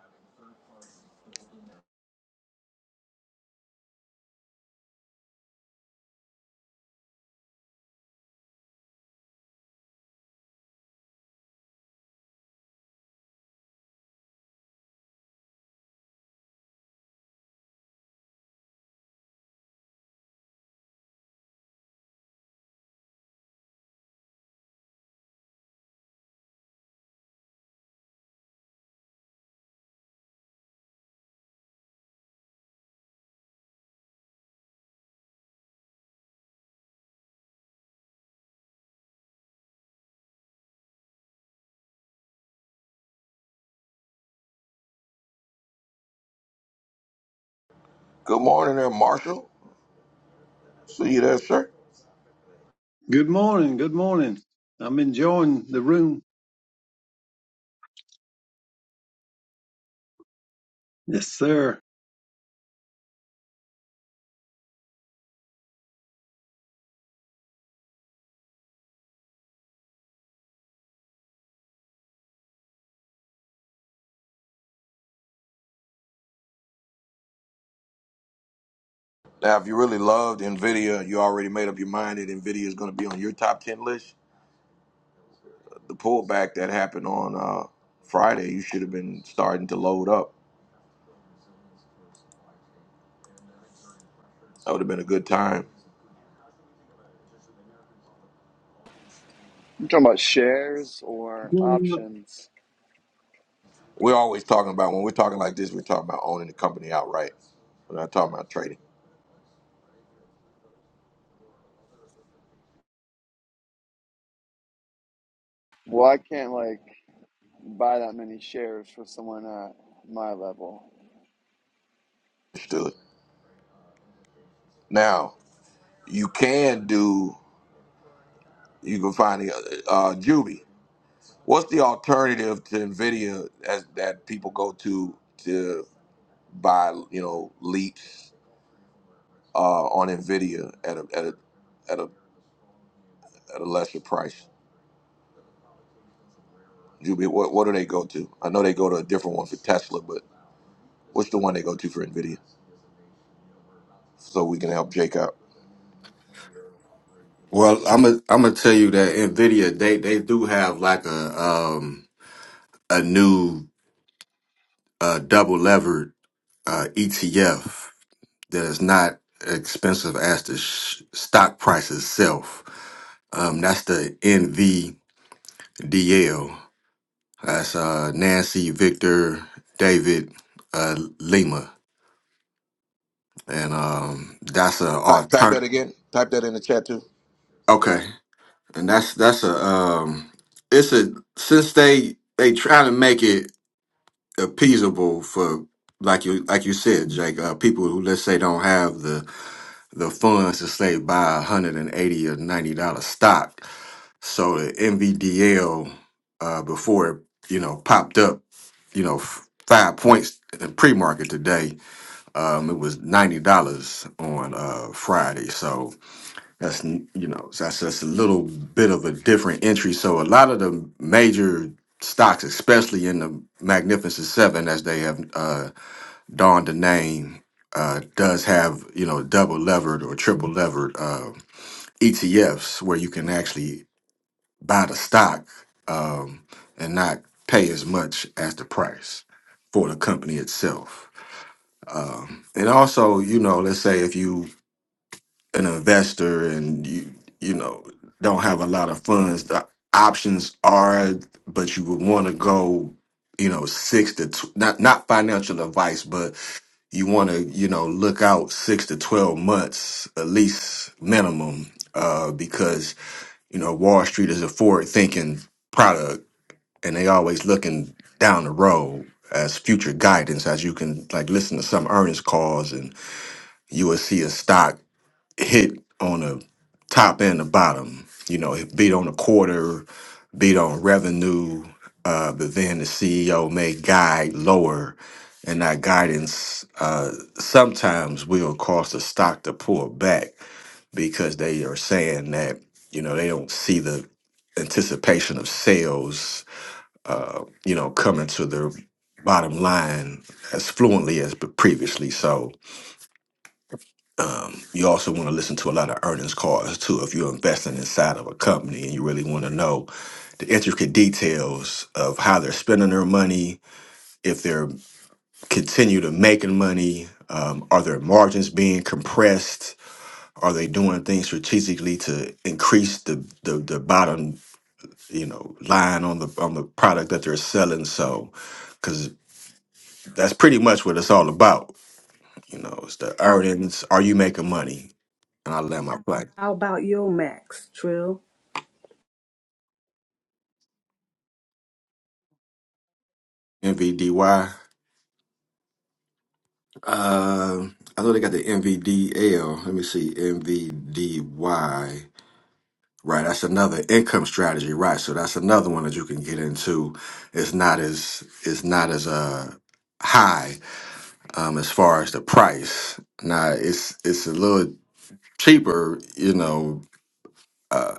Good morning there, Marshall. See you there, sir.
Good morning. Good morning. I'm enjoying the room. Yes, sir.
Now, if you really loved NVIDIA, you already made up your mind that NVIDIA is going to be on your top 10 list. the pullback that happened on uh, Friday, you should have been starting to load up. That would have been a good time.
You talking about shares or options?
We're always talking about when we're talking like this, we're talking about owning the company outright. We're not talking about trading.
Well, I can't like buy that many shares for someone at my level.
Understood. Now you can do. You can find the uh, uh, Juby. What's the alternative to Nvidia as, that people go to to buy? You know, leaps uh, on Nvidia at a at a at a at a lesser price. Juby, what what do they go to? I know they go to a different one for Tesla, but what's the one they go to for Nvidia? So we can help Jake out.
Well, I'm gonna I'm gonna tell you that Nvidia they they do have like a um a new uh double levered uh ETF that is not expensive as the sh- stock price itself. Um, that's the NVDL. That's uh Nancy Victor David uh Lima, and um that's a
Type, type that
alternative.
again. Type that in the chat too.
okay. and that's that's a um it's a since they they try to make it appeasable for like you like you said jake uh, people who let's say don't have the the funds to say buy a hundred and eighty or ninety dollar stock so the mvdl uh before it you know popped up you know f- five points in pre-market today um it was ninety dollars on uh friday so that's n- you know that's just a little bit of a different entry. So a lot of the major stocks, especially in the Magnificent Seven, as they have uh, donned the name, uh, does have you know double levered or triple levered uh, ETFs where you can actually buy the stock um, and not pay as much as the price for the company itself. Um, and also, you know, let's say if you an investor and you you know don't have a lot of funds the options are but you would want to go you know six to tw- not not financial advice but you want to you know look out six to 12 months at least minimum uh because you know wall street is a forward thinking product and they always looking down the road as future guidance as you can like listen to some earnings calls and you will see a stock hit on the top and the bottom. You know, it beat on the quarter, beat on revenue, uh, but then the CEO may guide lower, and that guidance uh, sometimes will cause the stock to pull back because they are saying that you know they don't see the anticipation of sales, uh, you know, coming to their bottom line as fluently as previously. So you also want to listen to a lot of earnings calls too. If you're investing inside of a company and you really want to know the intricate details of how they're spending their money, if they're continue to making money, um, are their margins being compressed? Are they doing things strategically to increase the the, the bottom you know line on the on the product that they're selling? So, because that's pretty much what it's all about. You know, it's the
How
earnings. Are you making money? And I land my plane.
how about your max trill?
NVDY. Uh, I know they got the MVDL. Let me see, MVDY. Right, that's another income strategy. Right, so that's another one that you can get into. It's not as it's not as uh high um as far as the price. Now it's it's a little cheaper. You know, uh,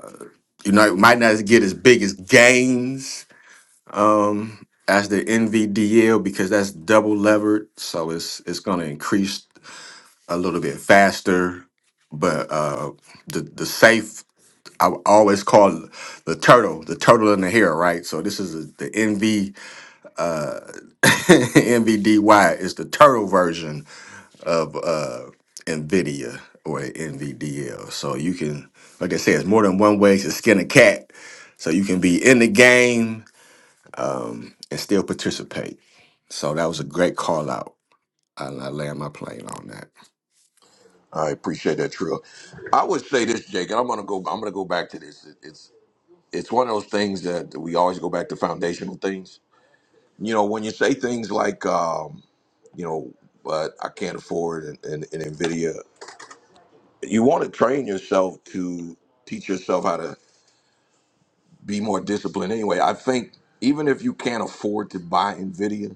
you know, it might not get as big as gains. Um. As the NVDL because that's double levered, so it's it's gonna increase. a little bit faster, but uh, the the safe I always call the turtle, the turtle in the hair, right? So this is a, the NV NVDY <laughs> is the turtle version of uh, NVIDIA or NVDL. So you can, like I said, it's more than one way to skin a cat. So you can be in the game um, and still participate. So that was a great call out. I, I land my plane on that.
I appreciate that, Trill. I would say this, Jake, and I'm gonna go. I'm gonna go back to this. It- It's it's one of those things that we always go back to foundational things. You know, when you say things like, um, you know, but I can't afford an, an, an Nvidia, you want to train yourself to teach yourself how to. be more disciplined anyway. I think even if you can't afford to buy Nvidia,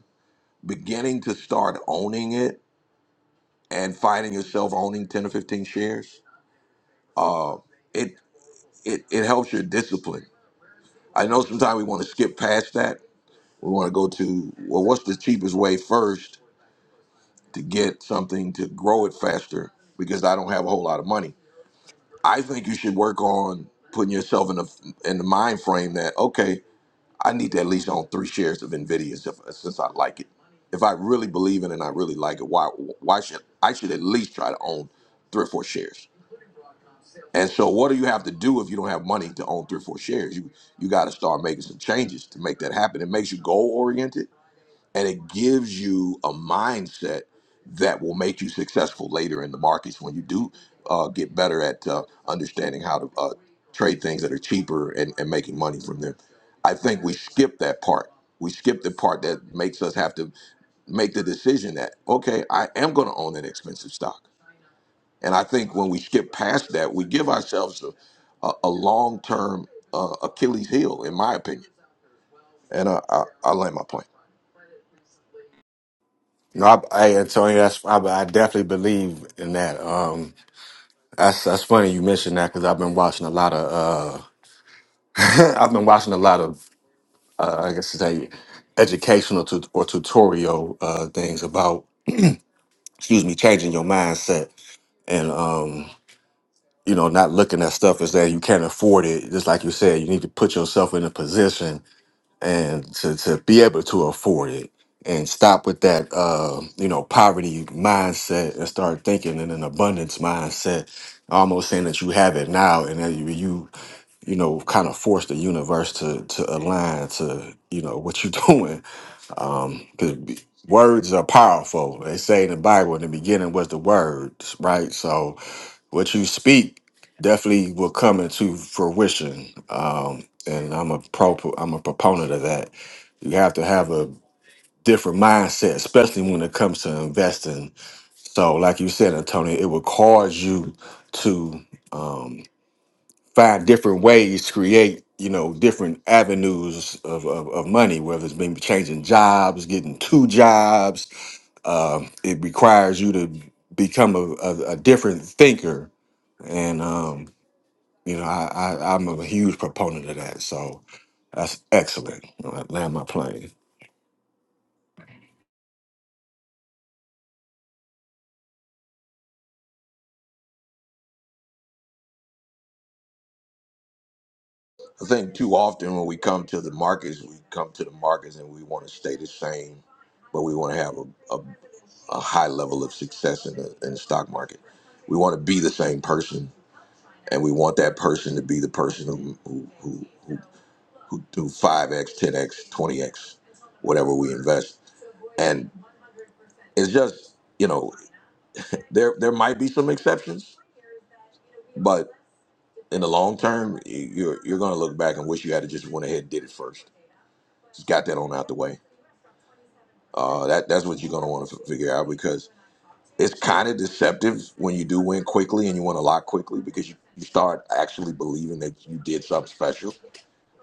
beginning to start owning it and finding yourself owning 10 or 15 shares, it it, it helps your discipline. I know sometimes we want to skip past that. We want to go to, well, what's the cheapest way first to get something to grow it faster because I don't have a whole lot of money. I think you should work on putting yourself in the in the mind frame that okay, I need to at least own three shares of Nvidia if, since I like it. If I really believe in it and I really like it, why why should I should at least try to own three or four shares? And so, what do you have to do if you don't have money to own three or four shares? You you got to start making some changes to make that happen. It makes you goal oriented and it gives you a mindset that will make you successful later in the markets when you do uh, get better at uh, understanding how to uh, trade things that are cheaper and, and making money from them. I think we skip that part. We skip the part that makes us have to make the decision that, okay, I am going to own an expensive stock. And I think when we skip past that, we give ourselves a, a, a long term uh, Achilles heel, in my opinion. And uh, I, I land my plane.
No, I, hey, Antonio, that's, I, I definitely believe in that. Um, that's that's funny you mentioned that because I've been watching a lot of uh, <laughs> I've been watching a lot of uh, I guess to say educational tut or tutorial uh, things about excuse me changing your mindset and um, you know not looking at stuff as that you can't afford it. Just like you said, you need to put yourself in a position and to, to be able to afford it and stop with that uh you know poverty mindset and start thinking in an abundance mindset almost saying that you have it now and that you you you know kind of force the universe to to align to you know what you're <laughs> doing because words are powerful. They say in the Bible, in the beginning was the words, right? So what you speak definitely will come into fruition. Um, and I'm a pro, I'm a proponent of that. You have to have a different mindset, especially when it comes to investing. So, like you said, Antonio, it will cause you to. um, find different ways to create you know different avenues of, of, of money whether it's maybe changing jobs getting two jobs Um, it requires you to become a, a, a different thinker and um, you know I, I, i'm a huge proponent of that so that's excellent i land my plane
I think too often when we come to the markets, we come to the markets and we want to stay the same, but we want to have a, a, a high level of success in the, in the stock market. We want to be the same person, and we want that person to be the person who who who who, who do five x, ten x, twenty x, whatever we invest. And it's just you know there there might be some exceptions, but in the long term, you- you're you're going to look back and wish you had to just went ahead and did it first. Just got that on out the way. Uh, that that's what you're gonna want to figure out because it's kind of deceptive when you do win quickly and you win a lot quickly because you, you start actually believing that you did something special.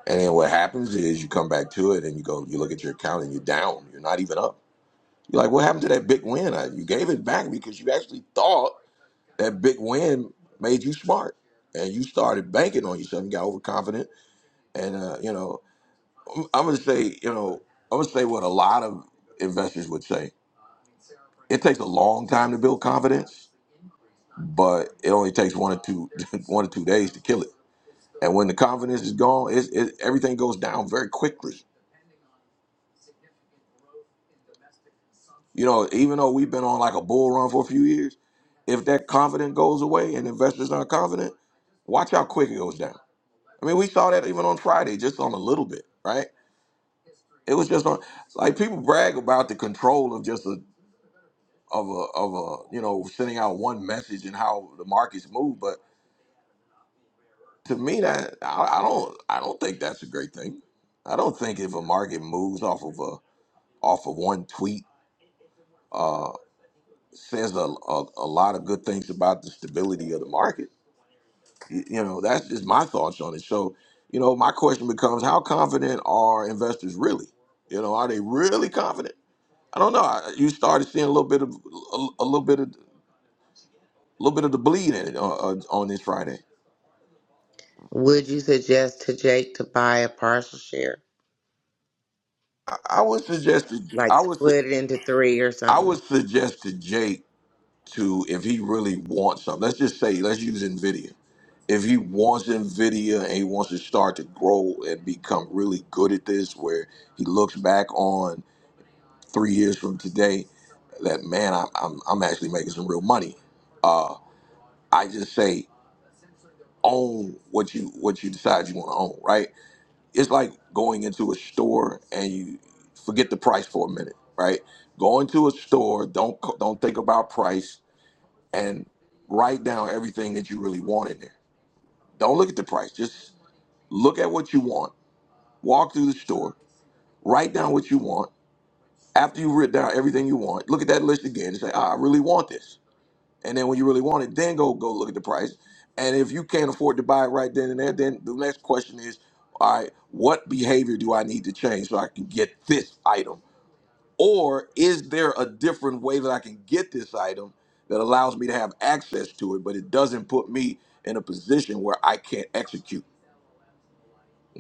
And then what happens is you come back to it and you go, you look at your account and you're down. You're not even up. You're like, what happened to that big win? I, you gave it back because you actually thought that big win made you smart. And you started banking on yourself. You got overconfident. And, uh, you know, I'm, I'm going to say, you know, I'm going to say what a lot of investors would say it takes a long time to build confidence, but it only takes one or two <laughs> one or two days to kill it. And when the confidence is gone, it's, it, everything goes down very quickly. You know, even though we've been on like a bull run for a few years, if that confidence goes away and investors aren't confident, watch how quick it goes down. I mean, we saw that even on Friday, just on a little bit, right? It was just on like people brag about the control of just a of a of a you know sending out one message and how the markets move, but to me that I, I don't I don't think that's a great thing. I don't think if a market moves off of a off of one tweet uh, says a, a a lot of good things about the stability of the market. You, you know, that's just my thoughts on it. So, you know, my question becomes: How confident are investors really? You know, are they really confident? I don't know. I- You started seeing a little bit of a, a little bit of a little bit of the bleed in it on, on on this Friday.
Would you suggest to Jake to buy a partial share?
I, I would suggest to
Like
I would su-
split it into three or
I
something?
would suggest to Jake. to if he really wants something. Let's just say, let's use Nvidia. If he wants Nvidia and he wants to start to grow and become really good at this, where he looks back on three years from today, that man, I'm I'm, I'm actually making some real money. Uh, I just say own what you what you decide you want to own. Right? It's like going into a store and you forget the price for a minute. Right? Go into a store. Don't don't think about price and write down everything that you really want in there. Don't look at the price. Just look at what you want. Walk through the store. Write down what you want. After you've written down everything you want, look at that list again and say, ah, I really want this. And then when you really want it, then go go look at the price. And if you can't afford to buy it right then and there, then the next question is, all right, what behavior do I need to change so I can get this item? Or is there a different way that I can get this item that allows me to have access to it, but it doesn't put me in a position where I can't execute?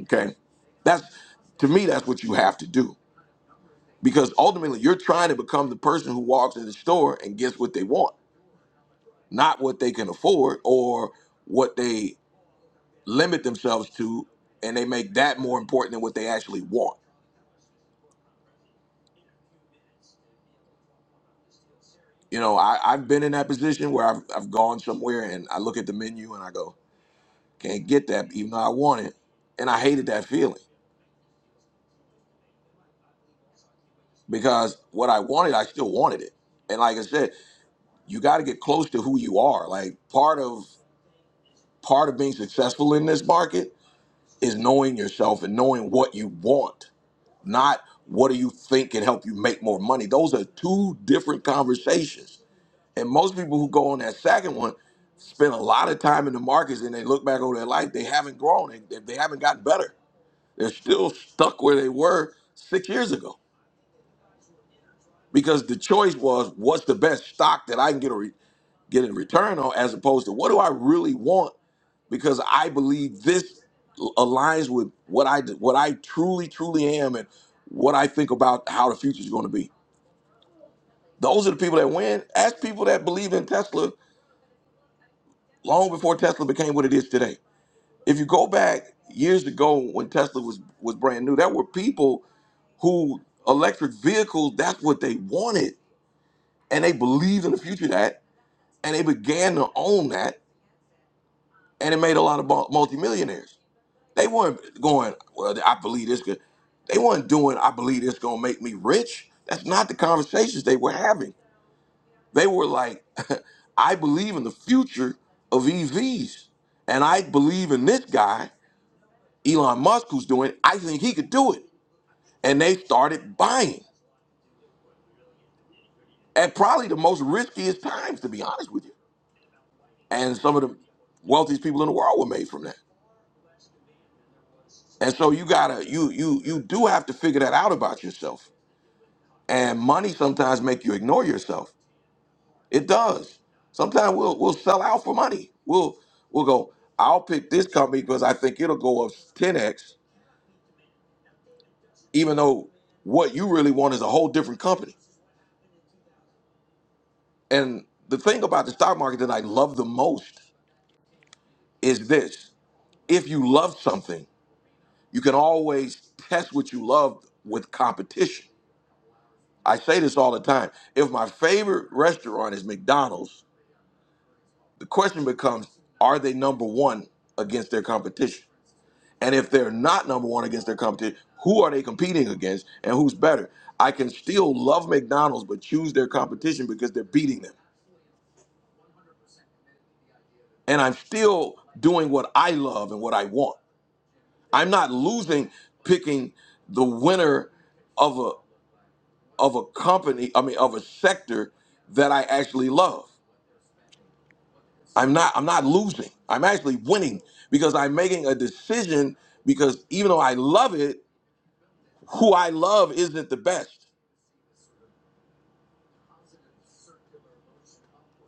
Okay. That's to me, that's what you have to do. Because ultimately you're trying to become the person who walks in the store and gets what they want, not what they can afford or what they limit themselves to, and they make that more important than what they actually want. You know, I, I've been in that position where I've, I've gone somewhere and I look at the menu and I go, Can't get that even though I want it. And I hated that feeling because what I wanted, I still wanted it. And like I said, you got to get close to who you are. Like part of part of being successful in this market is knowing yourself and knowing what you want, not what do you think can help you make more money. Those are two different conversations. And most people who go on that second one spend a lot of time in the markets and they look back over their life, they haven't grown and they they haven't gotten better They're still stuck where they were six years ago because the choice was what's the best stock that I can get a re- get in return on, as opposed to what do I really want because I believe this aligns with what I what I truly truly am and what I think about how the future is going to be. Those are the people that win. Ask people that believe in Tesla long before Tesla became what it is today. If you go back years ago when Tesla was was brand new, there were people who electric vehicles, that's what they wanted. And they believed in the future of that, and they began to own that, and it made a lot of mul- multimillionaires. They weren't going, well, I believe this could, they weren't doing, I believe this gonna make me rich. That's not the conversations they were having. They were like, <laughs> I believe in the future of EVs, and I believe in this guy, Elon Musk, who's doing it. I think he could do it. And they started buying. at probably the most riskiest times, to be honest with you. And some of the wealthiest people in the world were made from that. And so you gotta you you you do have to figure that out about yourself. And money sometimes make you ignore yourself. It does. Sometimes we'll we'll sell out for money. We'll we'll go. I'll pick this company because I think it'll go up 10x, even though what you really want is a whole different company. And the thing about the stock market that I love the most is this: if you love something You can always test what you love with competition. I say this all the time. If my favorite restaurant is McDonald's, the question becomes are they number one against their competition? And if they're not number one against their competition, who are they competing against and who's better? I can still love McDonald's but choose their competition because they're beating them. And I'm still doing what I love and what I want. I'm not losing picking the winner of a. of a company, I mean of a sector that I actually love. I'm not I'm not losing. I'm actually winning because I'm making a decision because even though I love it, who I love isn't the best.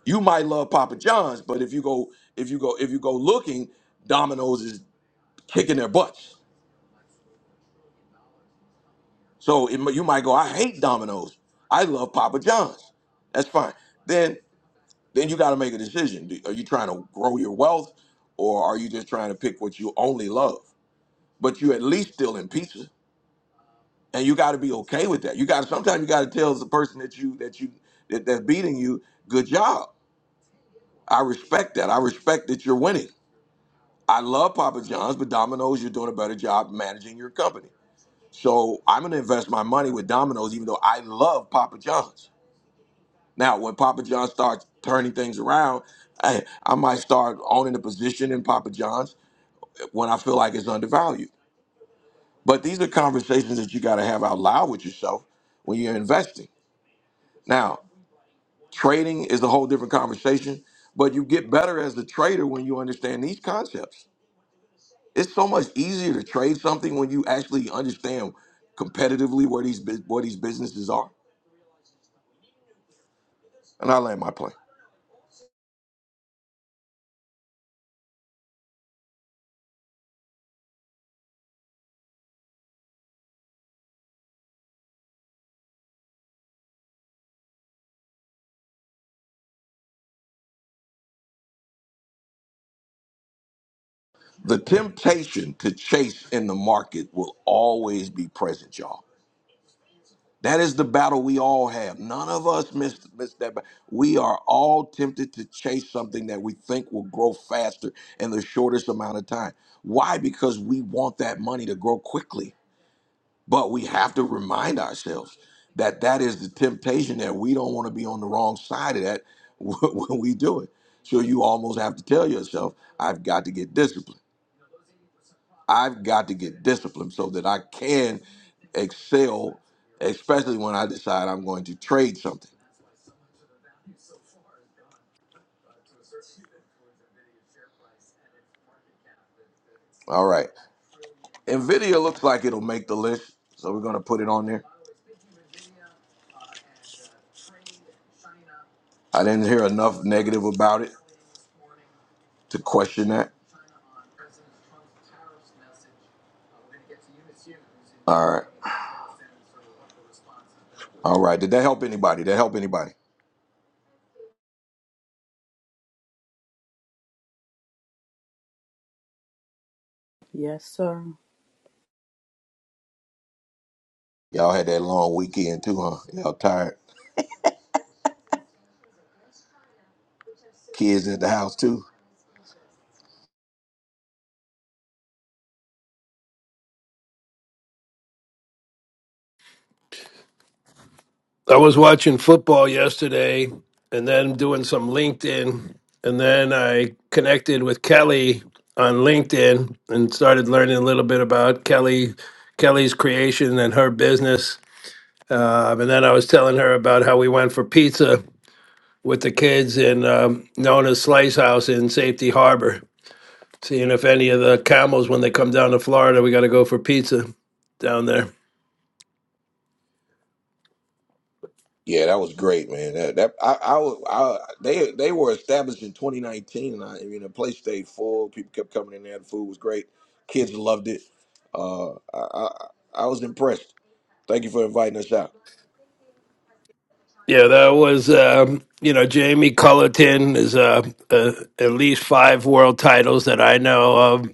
You might love Papa John's, but if you go if you go if you go looking, Domino's is kicking their butts. So it, mi- you might go, I hate Domino's. I love Papa John's. That's fine. Then then you got to make a decision. Do- Are you trying to grow your wealth, or are you just trying to pick what you only love? but you at least still in pieces, and you got to be okay with that. You got to sometimes you got to tell the person that you that you that, that's beating you, good job. I respect that. I respect that you're winning. I love Papa John's, but Domino's, you're doing a better job managing your company. So I'm gonna invest my money with Domino's, even though I love Papa John's. Now, when Papa John starts turning things around, I, I might start owning a position in Papa John's when I feel like it's undervalued. But these are conversations that you got to have out loud with yourself when you're investing. Now, trading is a whole different conversation, but you get better as a trader when you understand these concepts. It's so much easier to trade something when you actually understand competitively where these bus- where these businesses are. And I land my plane. The temptation to chase in the market will always be present, y'all That is the battle we all have. None of us miss, miss that. But we are all tempted to chase something that we think will grow faster in the shortest amount of time. Why? Because we want that money to grow quickly. But we have to remind ourselves that that is the temptation that we don't want to be on the wrong side of that <laughs> when we do it. So you almost have to tell yourself, I've got to get disciplined. I've got to get disciplined so that I can excel, especially when I decide I'm going to trade something. All right. NVIDIA looks like it'll make the list, so we're going to put it on there. I didn't hear enough negative about it to question that. All right. All right. Did that help anybody? Did that help anybody?
Yes, sir.
Y'all had that long weekend too, huh? Y'all tired? Kids at the house too?
i was watching football yesterday and then doing some linkedin and then i connected with kelly on linkedin and started learning a little bit about kelly kelly's creation and her business Um, and then I was telling her about how we went for pizza with the kids in um, Nona's Slice House in Safety Harbor, seeing if any of the camels, when they come down to Florida, we got to go for pizza down there.
Yeah, that was great, man. That, that I, I, was- I, they they were established in 2019, and I, I mean the place stayed full. People kept coming in there. The food was great. Kids loved it. Uh, I, I, I was impressed. Thank you for inviting us out.
Yeah, that was, um, you know, Jamie Cullerton is uh, uh, at least five world titles that I know of.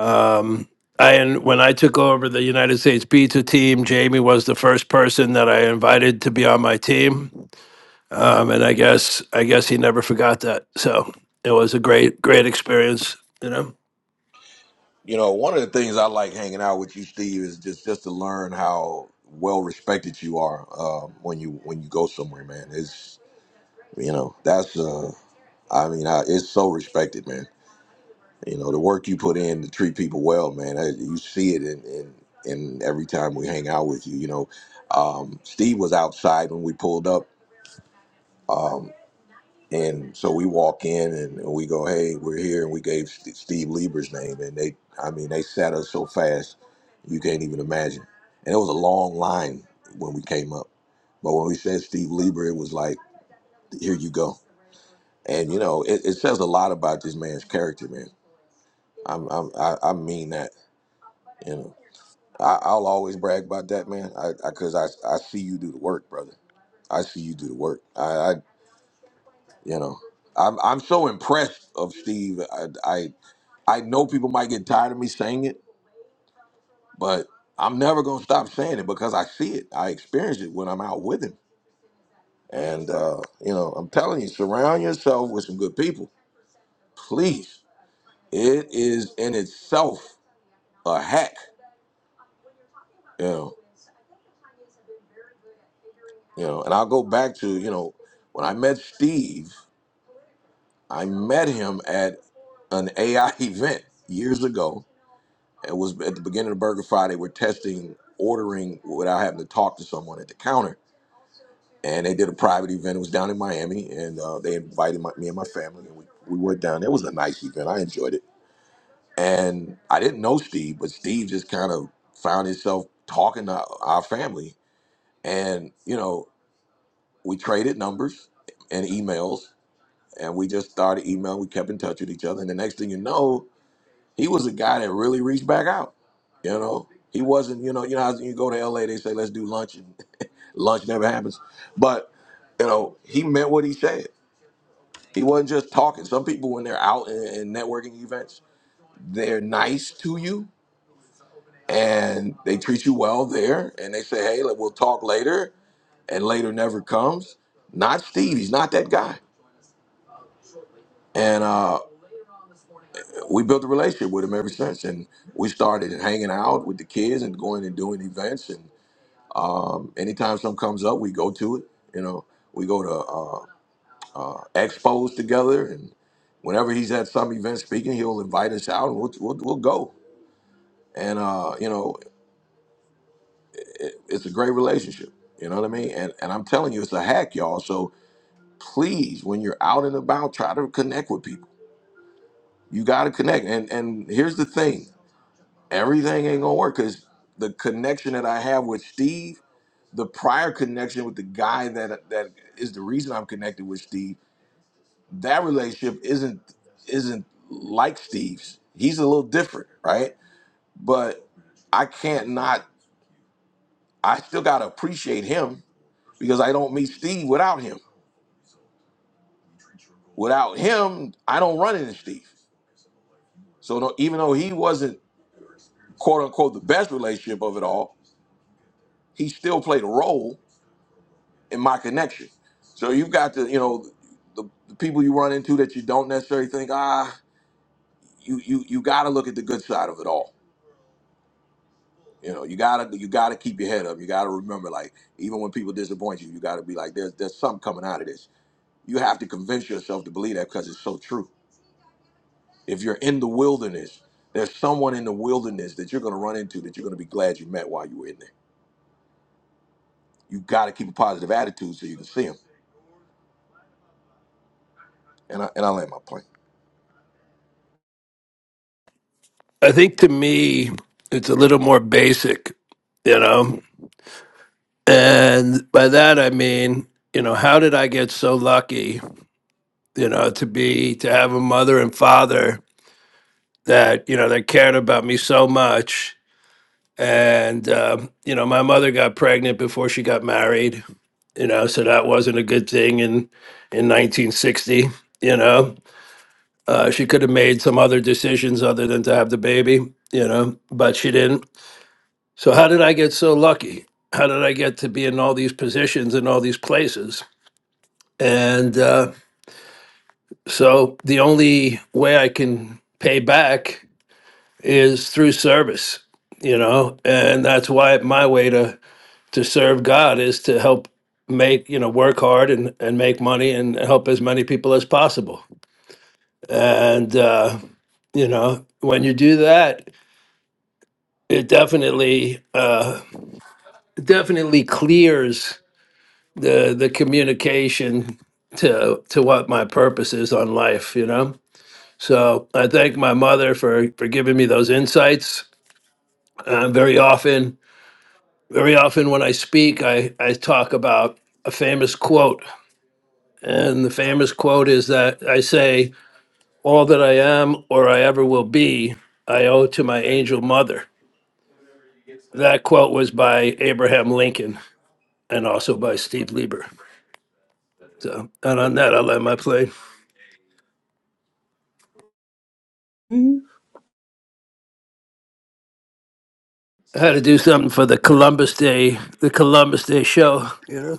Um, I and when I took over the United States pizza team, Jamie was the first person that I invited to be on my team. um, and I guess I guess he never forgot that. So it was a great great experience. You know,
You know, one of the things I like hanging out with you, Steve, is just just to learn how well respected you are uh, when you when you go somewhere, man. It's you know that's uh, I mean I, it's so respected, man. You know, the work you put in to treat people well, man, I, you see it in, in, in every time we hang out with you. You know, um, Steve was outside when we pulled up. Um, and so we walk in and we go, hey, we're here. And we gave St- Steve Lieber's name. And they, I mean, they sat us so fast, you can't even imagine. And it was a long line when we came up. But when we said Steve Lieber, it was like, here you go. And, you know, it, it says a lot about this man's character, man. I'm, I'm, I, I mean that. I, I'll always brag about that, man. I because I, 'cause I I see you do the work, brother. I see you do the work. I, I you know, I'm I'm so impressed of Steve. I, I I know people might get tired of me saying it, but I'm never gonna stop saying it because I see it. I experience it when I'm out with him. And uh, you know, I'm telling you, surround yourself with some good people, please. It is in itself a hack. You know, you know. And I'll go back to you know when I met Steve. I met him at an AI <laughs> event years ago. It was at the beginning of Burger Friday. We're testing ordering without having to talk to someone at the counter. And they did a private event. It was down in Miami, and uh, they invited my, me and my family, and we, we went down. It was a nice event. I enjoyed it. And I didn't know Steve, but Steve just kind of found himself talking to our family. And, you know, we traded numbers and emails, and we just started emailing. We kept in touch with each other. And the next thing you know, he was a guy that really reached back out. You know, he wasn't. You know, you know, how you go to L.A. They say let's do lunch, and <laughs> lunch never happens. But you know, he meant what he said. He wasn't just talking. Some people, when they're out in, in networking events, they're nice to you and they treat you well there, and they say, "Hey, like, we'll talk later," and later never comes. Not Steve. He's not that guy. And uh, we built a relationship with him ever since, and we started hanging out with the kids and going and doing events, Um, anytime something comes up, we go to it. You know, we go to uh, uh, expos together, and whenever he's at some event speaking, he'll invite us out, and we'll we'll, we'll go. And uh, you know, it, it's a great relationship. You know what I mean? And and I'm telling you, it's a hack, y'all. So please, when you're out and about, try to connect with people. You got to connect. And and here's the thing: everything ain't gonna work because the connection that I have with Steve the prior connection with the guy that that is the reason I'm connected with Steve, that relationship isn't isn't like Steve's. He's a little different, right? But I can't not I still gotta appreciate him because I don't meet Steve without him. Without him, I don't run into Steve. So no, even though he wasn't quote unquote the best relationship of it all, he still played a role in my connection. So you've got to, you know, the, the people you run into that you don't necessarily think, ah, you you you got to look at the good side of it all. You know, you gotta you gotta keep your head up. You gotta remember, like even when people disappoint you, you gotta be like, there's there's something coming out of this. You have to convince yourself to believe that because it's so true. If you're in the wilderness, there's someone in the wilderness that you're gonna run into that you're gonna be glad you met while you were in there. You gotta keep a positive attitude so you can see them. And I and I land my point.
I think to me it's a little more basic. You know, and by that I mean you know how did I get so lucky? You know, to be to have a mother and father that you know that cared about me so much. And um, you know, my mother got pregnant before she got married. You know, so that wasn't a good thing in in 1960. You know, Uh, she could have made some other decisions other than to have the baby, you know, but she didn't. So, how did I get so lucky? How did I get to be in all these positions in all these places? And uh, so, the only way I can pay back is through service, you know, and that's why my way to to serve God is to help make you know work hard and and make money and help as many people as possible. And uh, you know, when you do that, it definitely uh, definitely clears the the communication to to what my purpose is on life you know so i thank my mother for for giving me those insights uh, very often very often when i speak i i talk about a famous quote and the famous quote is that i say all that i am or i ever will be i owe to my angel mother that quote was by abraham lincoln and also by steve lieber So, and on that, I'll end my play.
hmm
I had to do something for the Columbus Day, the Columbus Day show. you know.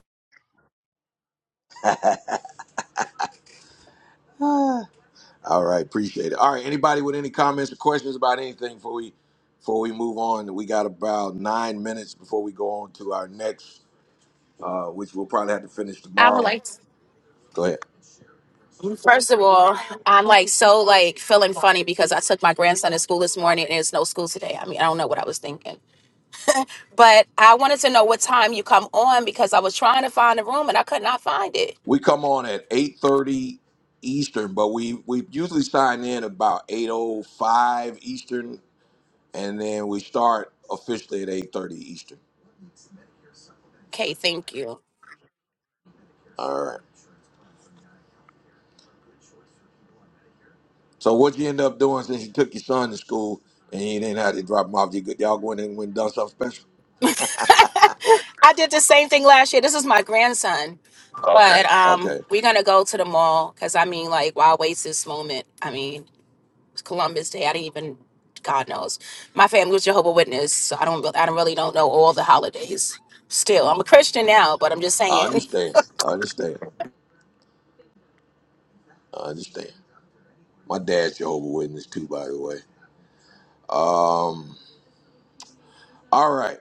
All right, appreciate it. All right, anybody with any comments or questions about anything before we before we move on? We got about nine minutes before we go on to our next uh, which we'll probably have to finish
I would
tomorrow.
like,
Go ahead.
first of all, I'm like so like feeling funny because I took my grandson to school this morning and there's no school today. I mean, I don't know what I was thinking, but I wanted to know what time you come on because I was trying to find a room and I could not find it.
We come on at eight thirty Eastern, but we we usually sign in about eight oh five Eastern, and then we start officially at eight thirty Eastern.
Okay, thank you.
All right. So what you end up doing since you took your son to school and you didn't have to drop him off? You go- y'all going in and went and done something special?
I did the same thing last year. This is my grandson, Okay. but
Okay,
um, we're gonna go to the mall because I mean, like, why waste this moment? I mean, Columbus Day. I didn't even, God knows. My family was Jehovah Witness, so I don't, re- I don't really don't know all the holidays. Still, I'm a Christian now, but I'm just
I
saying <laughs>
understand. I understand. I understand. My dad's Jehovah Witness too, by the way. All right.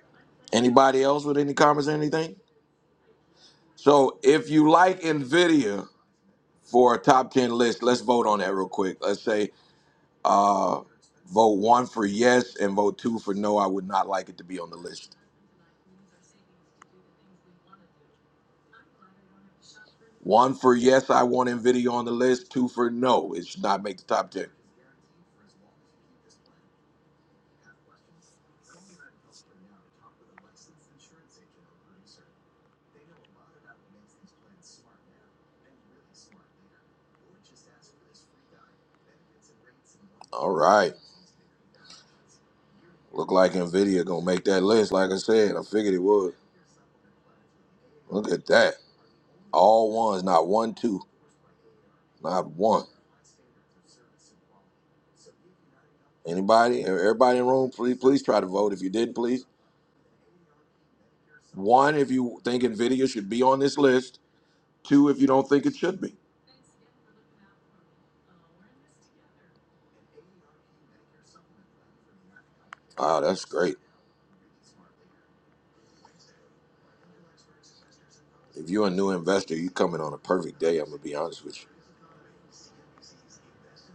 Anybody else with any comments or anything? So if you like NVIDIA for a top 10 list, let's vote on that real quick. Let's say uh, vote one for yes and vote two for no. I would not like it to be on the list. One for yes, I want NVIDIA on the list. Two for no, it should not make the top 10. All right. Look like NVIDIA going to make that list. Like I said, I figured it would. Look at that. All ones, not one, two, not one. Anybody, e-, everybody in the room, please, please try to vote. If you didn't, please. One, if you think NVIDIA should be on this list. Two, if you don't think it should be. Wow, that's great. If you're a new investor, you coming on a perfect day. I'm gonna be honest with you.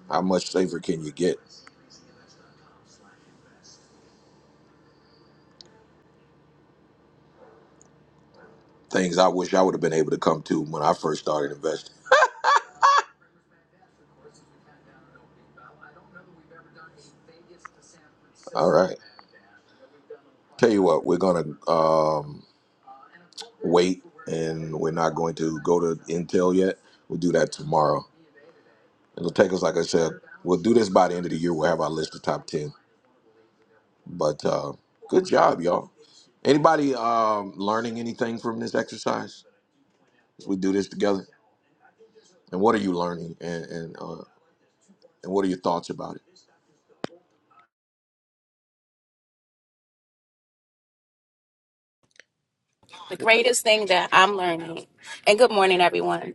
How much safer can you get? Things I wish I would have been able to come to when I first started investing. All right. Tell you what, we're gonna um, wait, and we're not going to go to Intel yet. We'll do that tomorrow. It'll take us, like I said, we'll do this by the end of the year. We'll have our list of top ten. But uh, good job, y'all. Anybody um, learning anything from this exercise? As we do this together. and what are you learning and and uh, and what are your thoughts about it?
the greatest thing that I'm learning. And good morning, everyone.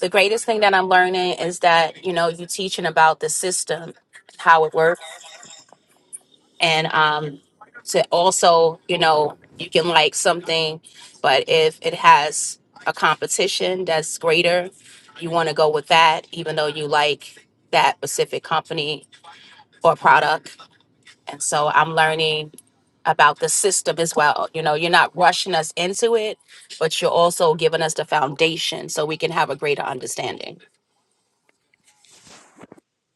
The greatest thing that I'm learning is that you know you teaching about the system, how it works and um to also you know you can like something but if it has a competition that's greater you want to go with that even though you like that specific company or product and so i'm learning about the system as well you know you're not rushing us into it but you're also giving us the foundation so we can have a greater understanding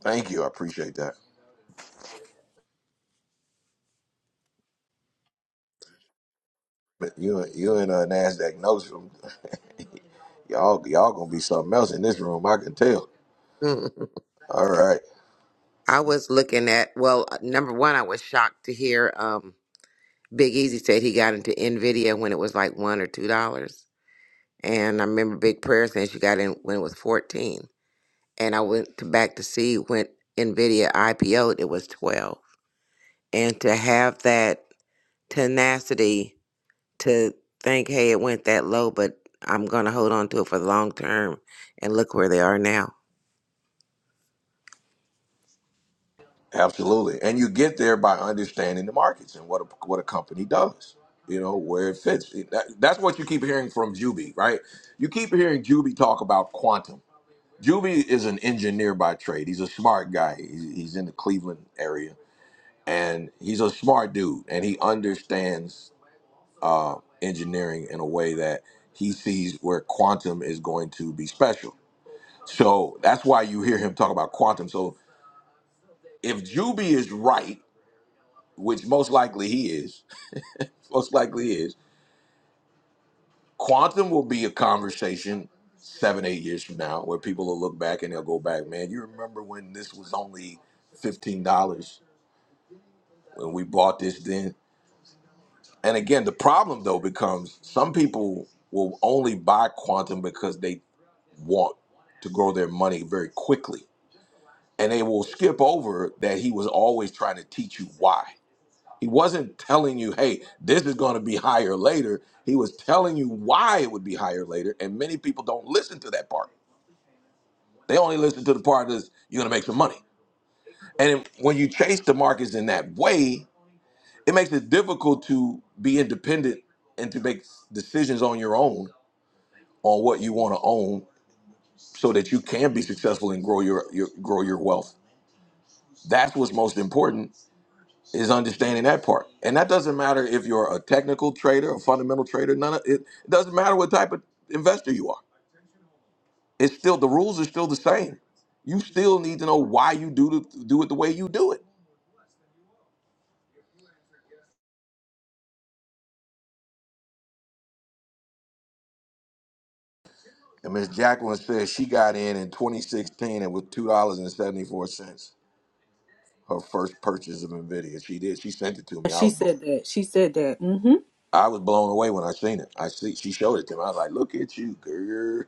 Thank you, I appreciate that. But you you and uh, Nasdaq knows them. <laughs> y'all y'all gonna be something else in this room. I can tell. All right,
<laughs> I was looking at, well, uh, number one, I was shocked to hear um, Big Easy said he got into NVIDIA when it was like one or two dollars. And I remember Big Prayer saying she got in when it was 14. And I went to back to see when NVIDIA IPO'd, it was 12. and to have that tenacity to think, hey, it went that low, but I'm going to hold on to it for the long term and look where they are now.
absolutely. And you get there by understanding the markets and what a, what a company does. You know where it fits. That, that's what you keep hearing from Juby, right? You keep hearing Juby talk about quantum. Juby is an engineer by trade. He's a smart guy. He's, he's in the Cleveland area and he's a smart dude and he understands uh, engineering in a way that he sees where quantum is going to be special so that's why you hear him talk about quantum so if juby is right which most likely he is <laughs> most likely he is quantum will be a conversation seven eight years from now where people will look back and they'll go back man you remember when this was only $15 when we bought this then And again, the problem though becomes some people will only buy quantum because they want to grow their money very quickly. And they will skip over that he was always trying to teach you why. He wasn't telling you, hey, this is going to be higher later. He was telling you why it would be higher later. And many people don't listen to that part. They only listen to the part that's you're going to make some money. And when you chase the markets in that way, it makes it difficult to be independent and to make decisions on your own on what you want to own so that you can be successful and grow your, your grow your wealth. That's what's most important is understanding that part. And that doesn't matter if you're a technical trader, a fundamental trader, none of it, it doesn't matter what type of investor you are. It's still the rules are still the same. You still need to know why you do the, do it the way you do it. And Miss Jacqueline says she got in in 2016 and with two dollars and seventy four cents her first purchase of Nvidia. She did. She sent it to me. I
She
was blown.
said that. She said that. hmm
I was blown away when I seen it. I see she showed it to me. I was like, "Look at you, girl."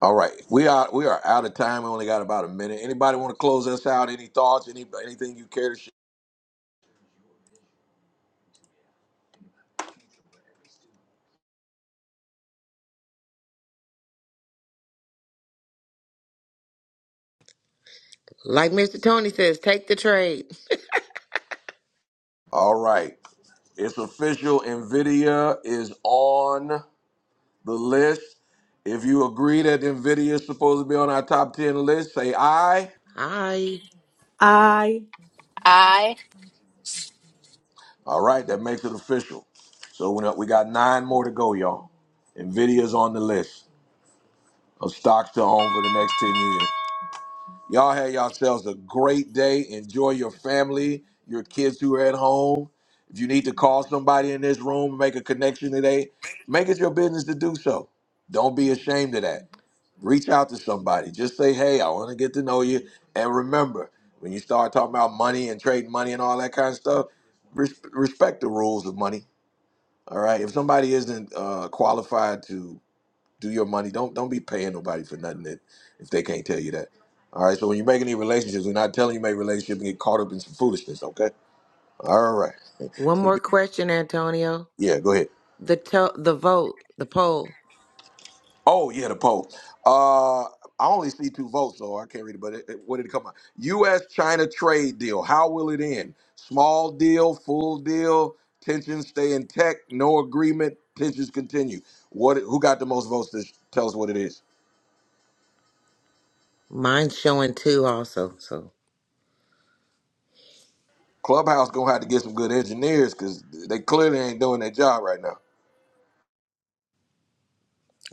All right, we are we are out of time. We only got about a minute. Anybody want to close us out? Any thoughts? Any anything you care to share?
Like Mr. Tony says, take the trade.
All right, it's official. Nvidia is on the list. If you agree that Nvidia is supposed to be on our top ten list, say aye.
Hi.
I
I.
All right, that makes it official. So we we got nine more to go, y'all. Nvidia is on the list of stocks to own for the next ten years. Y'all have yourselves a great day. Enjoy your family, your kids who are at home. If you need to call somebody in this room and make a connection today, make it your business to do so. Don't be ashamed of that. Reach out to somebody. Just say, hey, I want to get to know you. And remember, when you start talking about money and trading money and all that kind of stuff, res- respect the rules of money. All right. If somebody isn't uh, qualified to do your money. Don't don't be paying nobody for nothing that if they can't tell you that. All right. So when you make any relationships, we're not telling you make relationship and get caught up in some foolishness. Okay. All right.
One more question, Antonio.
Yeah. Go ahead.
The to- the vote, the poll.
Oh yeah, the poll. Uh, I only see two votes, so I can't read it. But it, it- what did it come out? U.S. China trade deal. How will it end? Small deal, full deal. Tensions stay intact. No agreement. Tensions continue. What? Who got the most votes? To tell us what it is.
Mine's showing two also. So
Clubhouse gonna have to get some good engineers because they clearly ain't doing their job right now.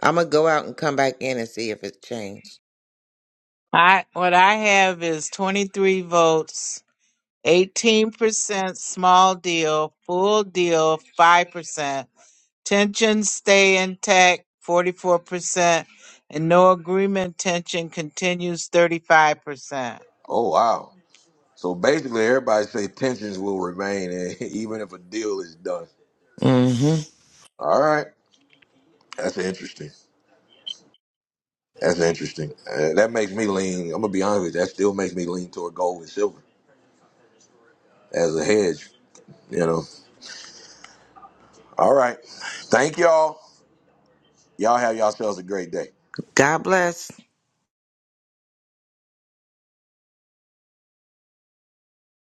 I'm going to go out and come back in and see if it's changed.
I what I have is 23 votes, 18% small deal, full deal 5%, tension stay intact 44%, and no agreement tension continues 35%.
Oh wow! So basically, everybody say tensions will remain, and <laughs> even if a deal is done.
hmm
All right, that's interesting. That's interesting. Uh, that makes me lean. I'm gonna be honest with you. That still makes me lean toward gold and silver as a hedge. You know. All right. Thank y'all. Y'all have yourselves a great day.
God bless.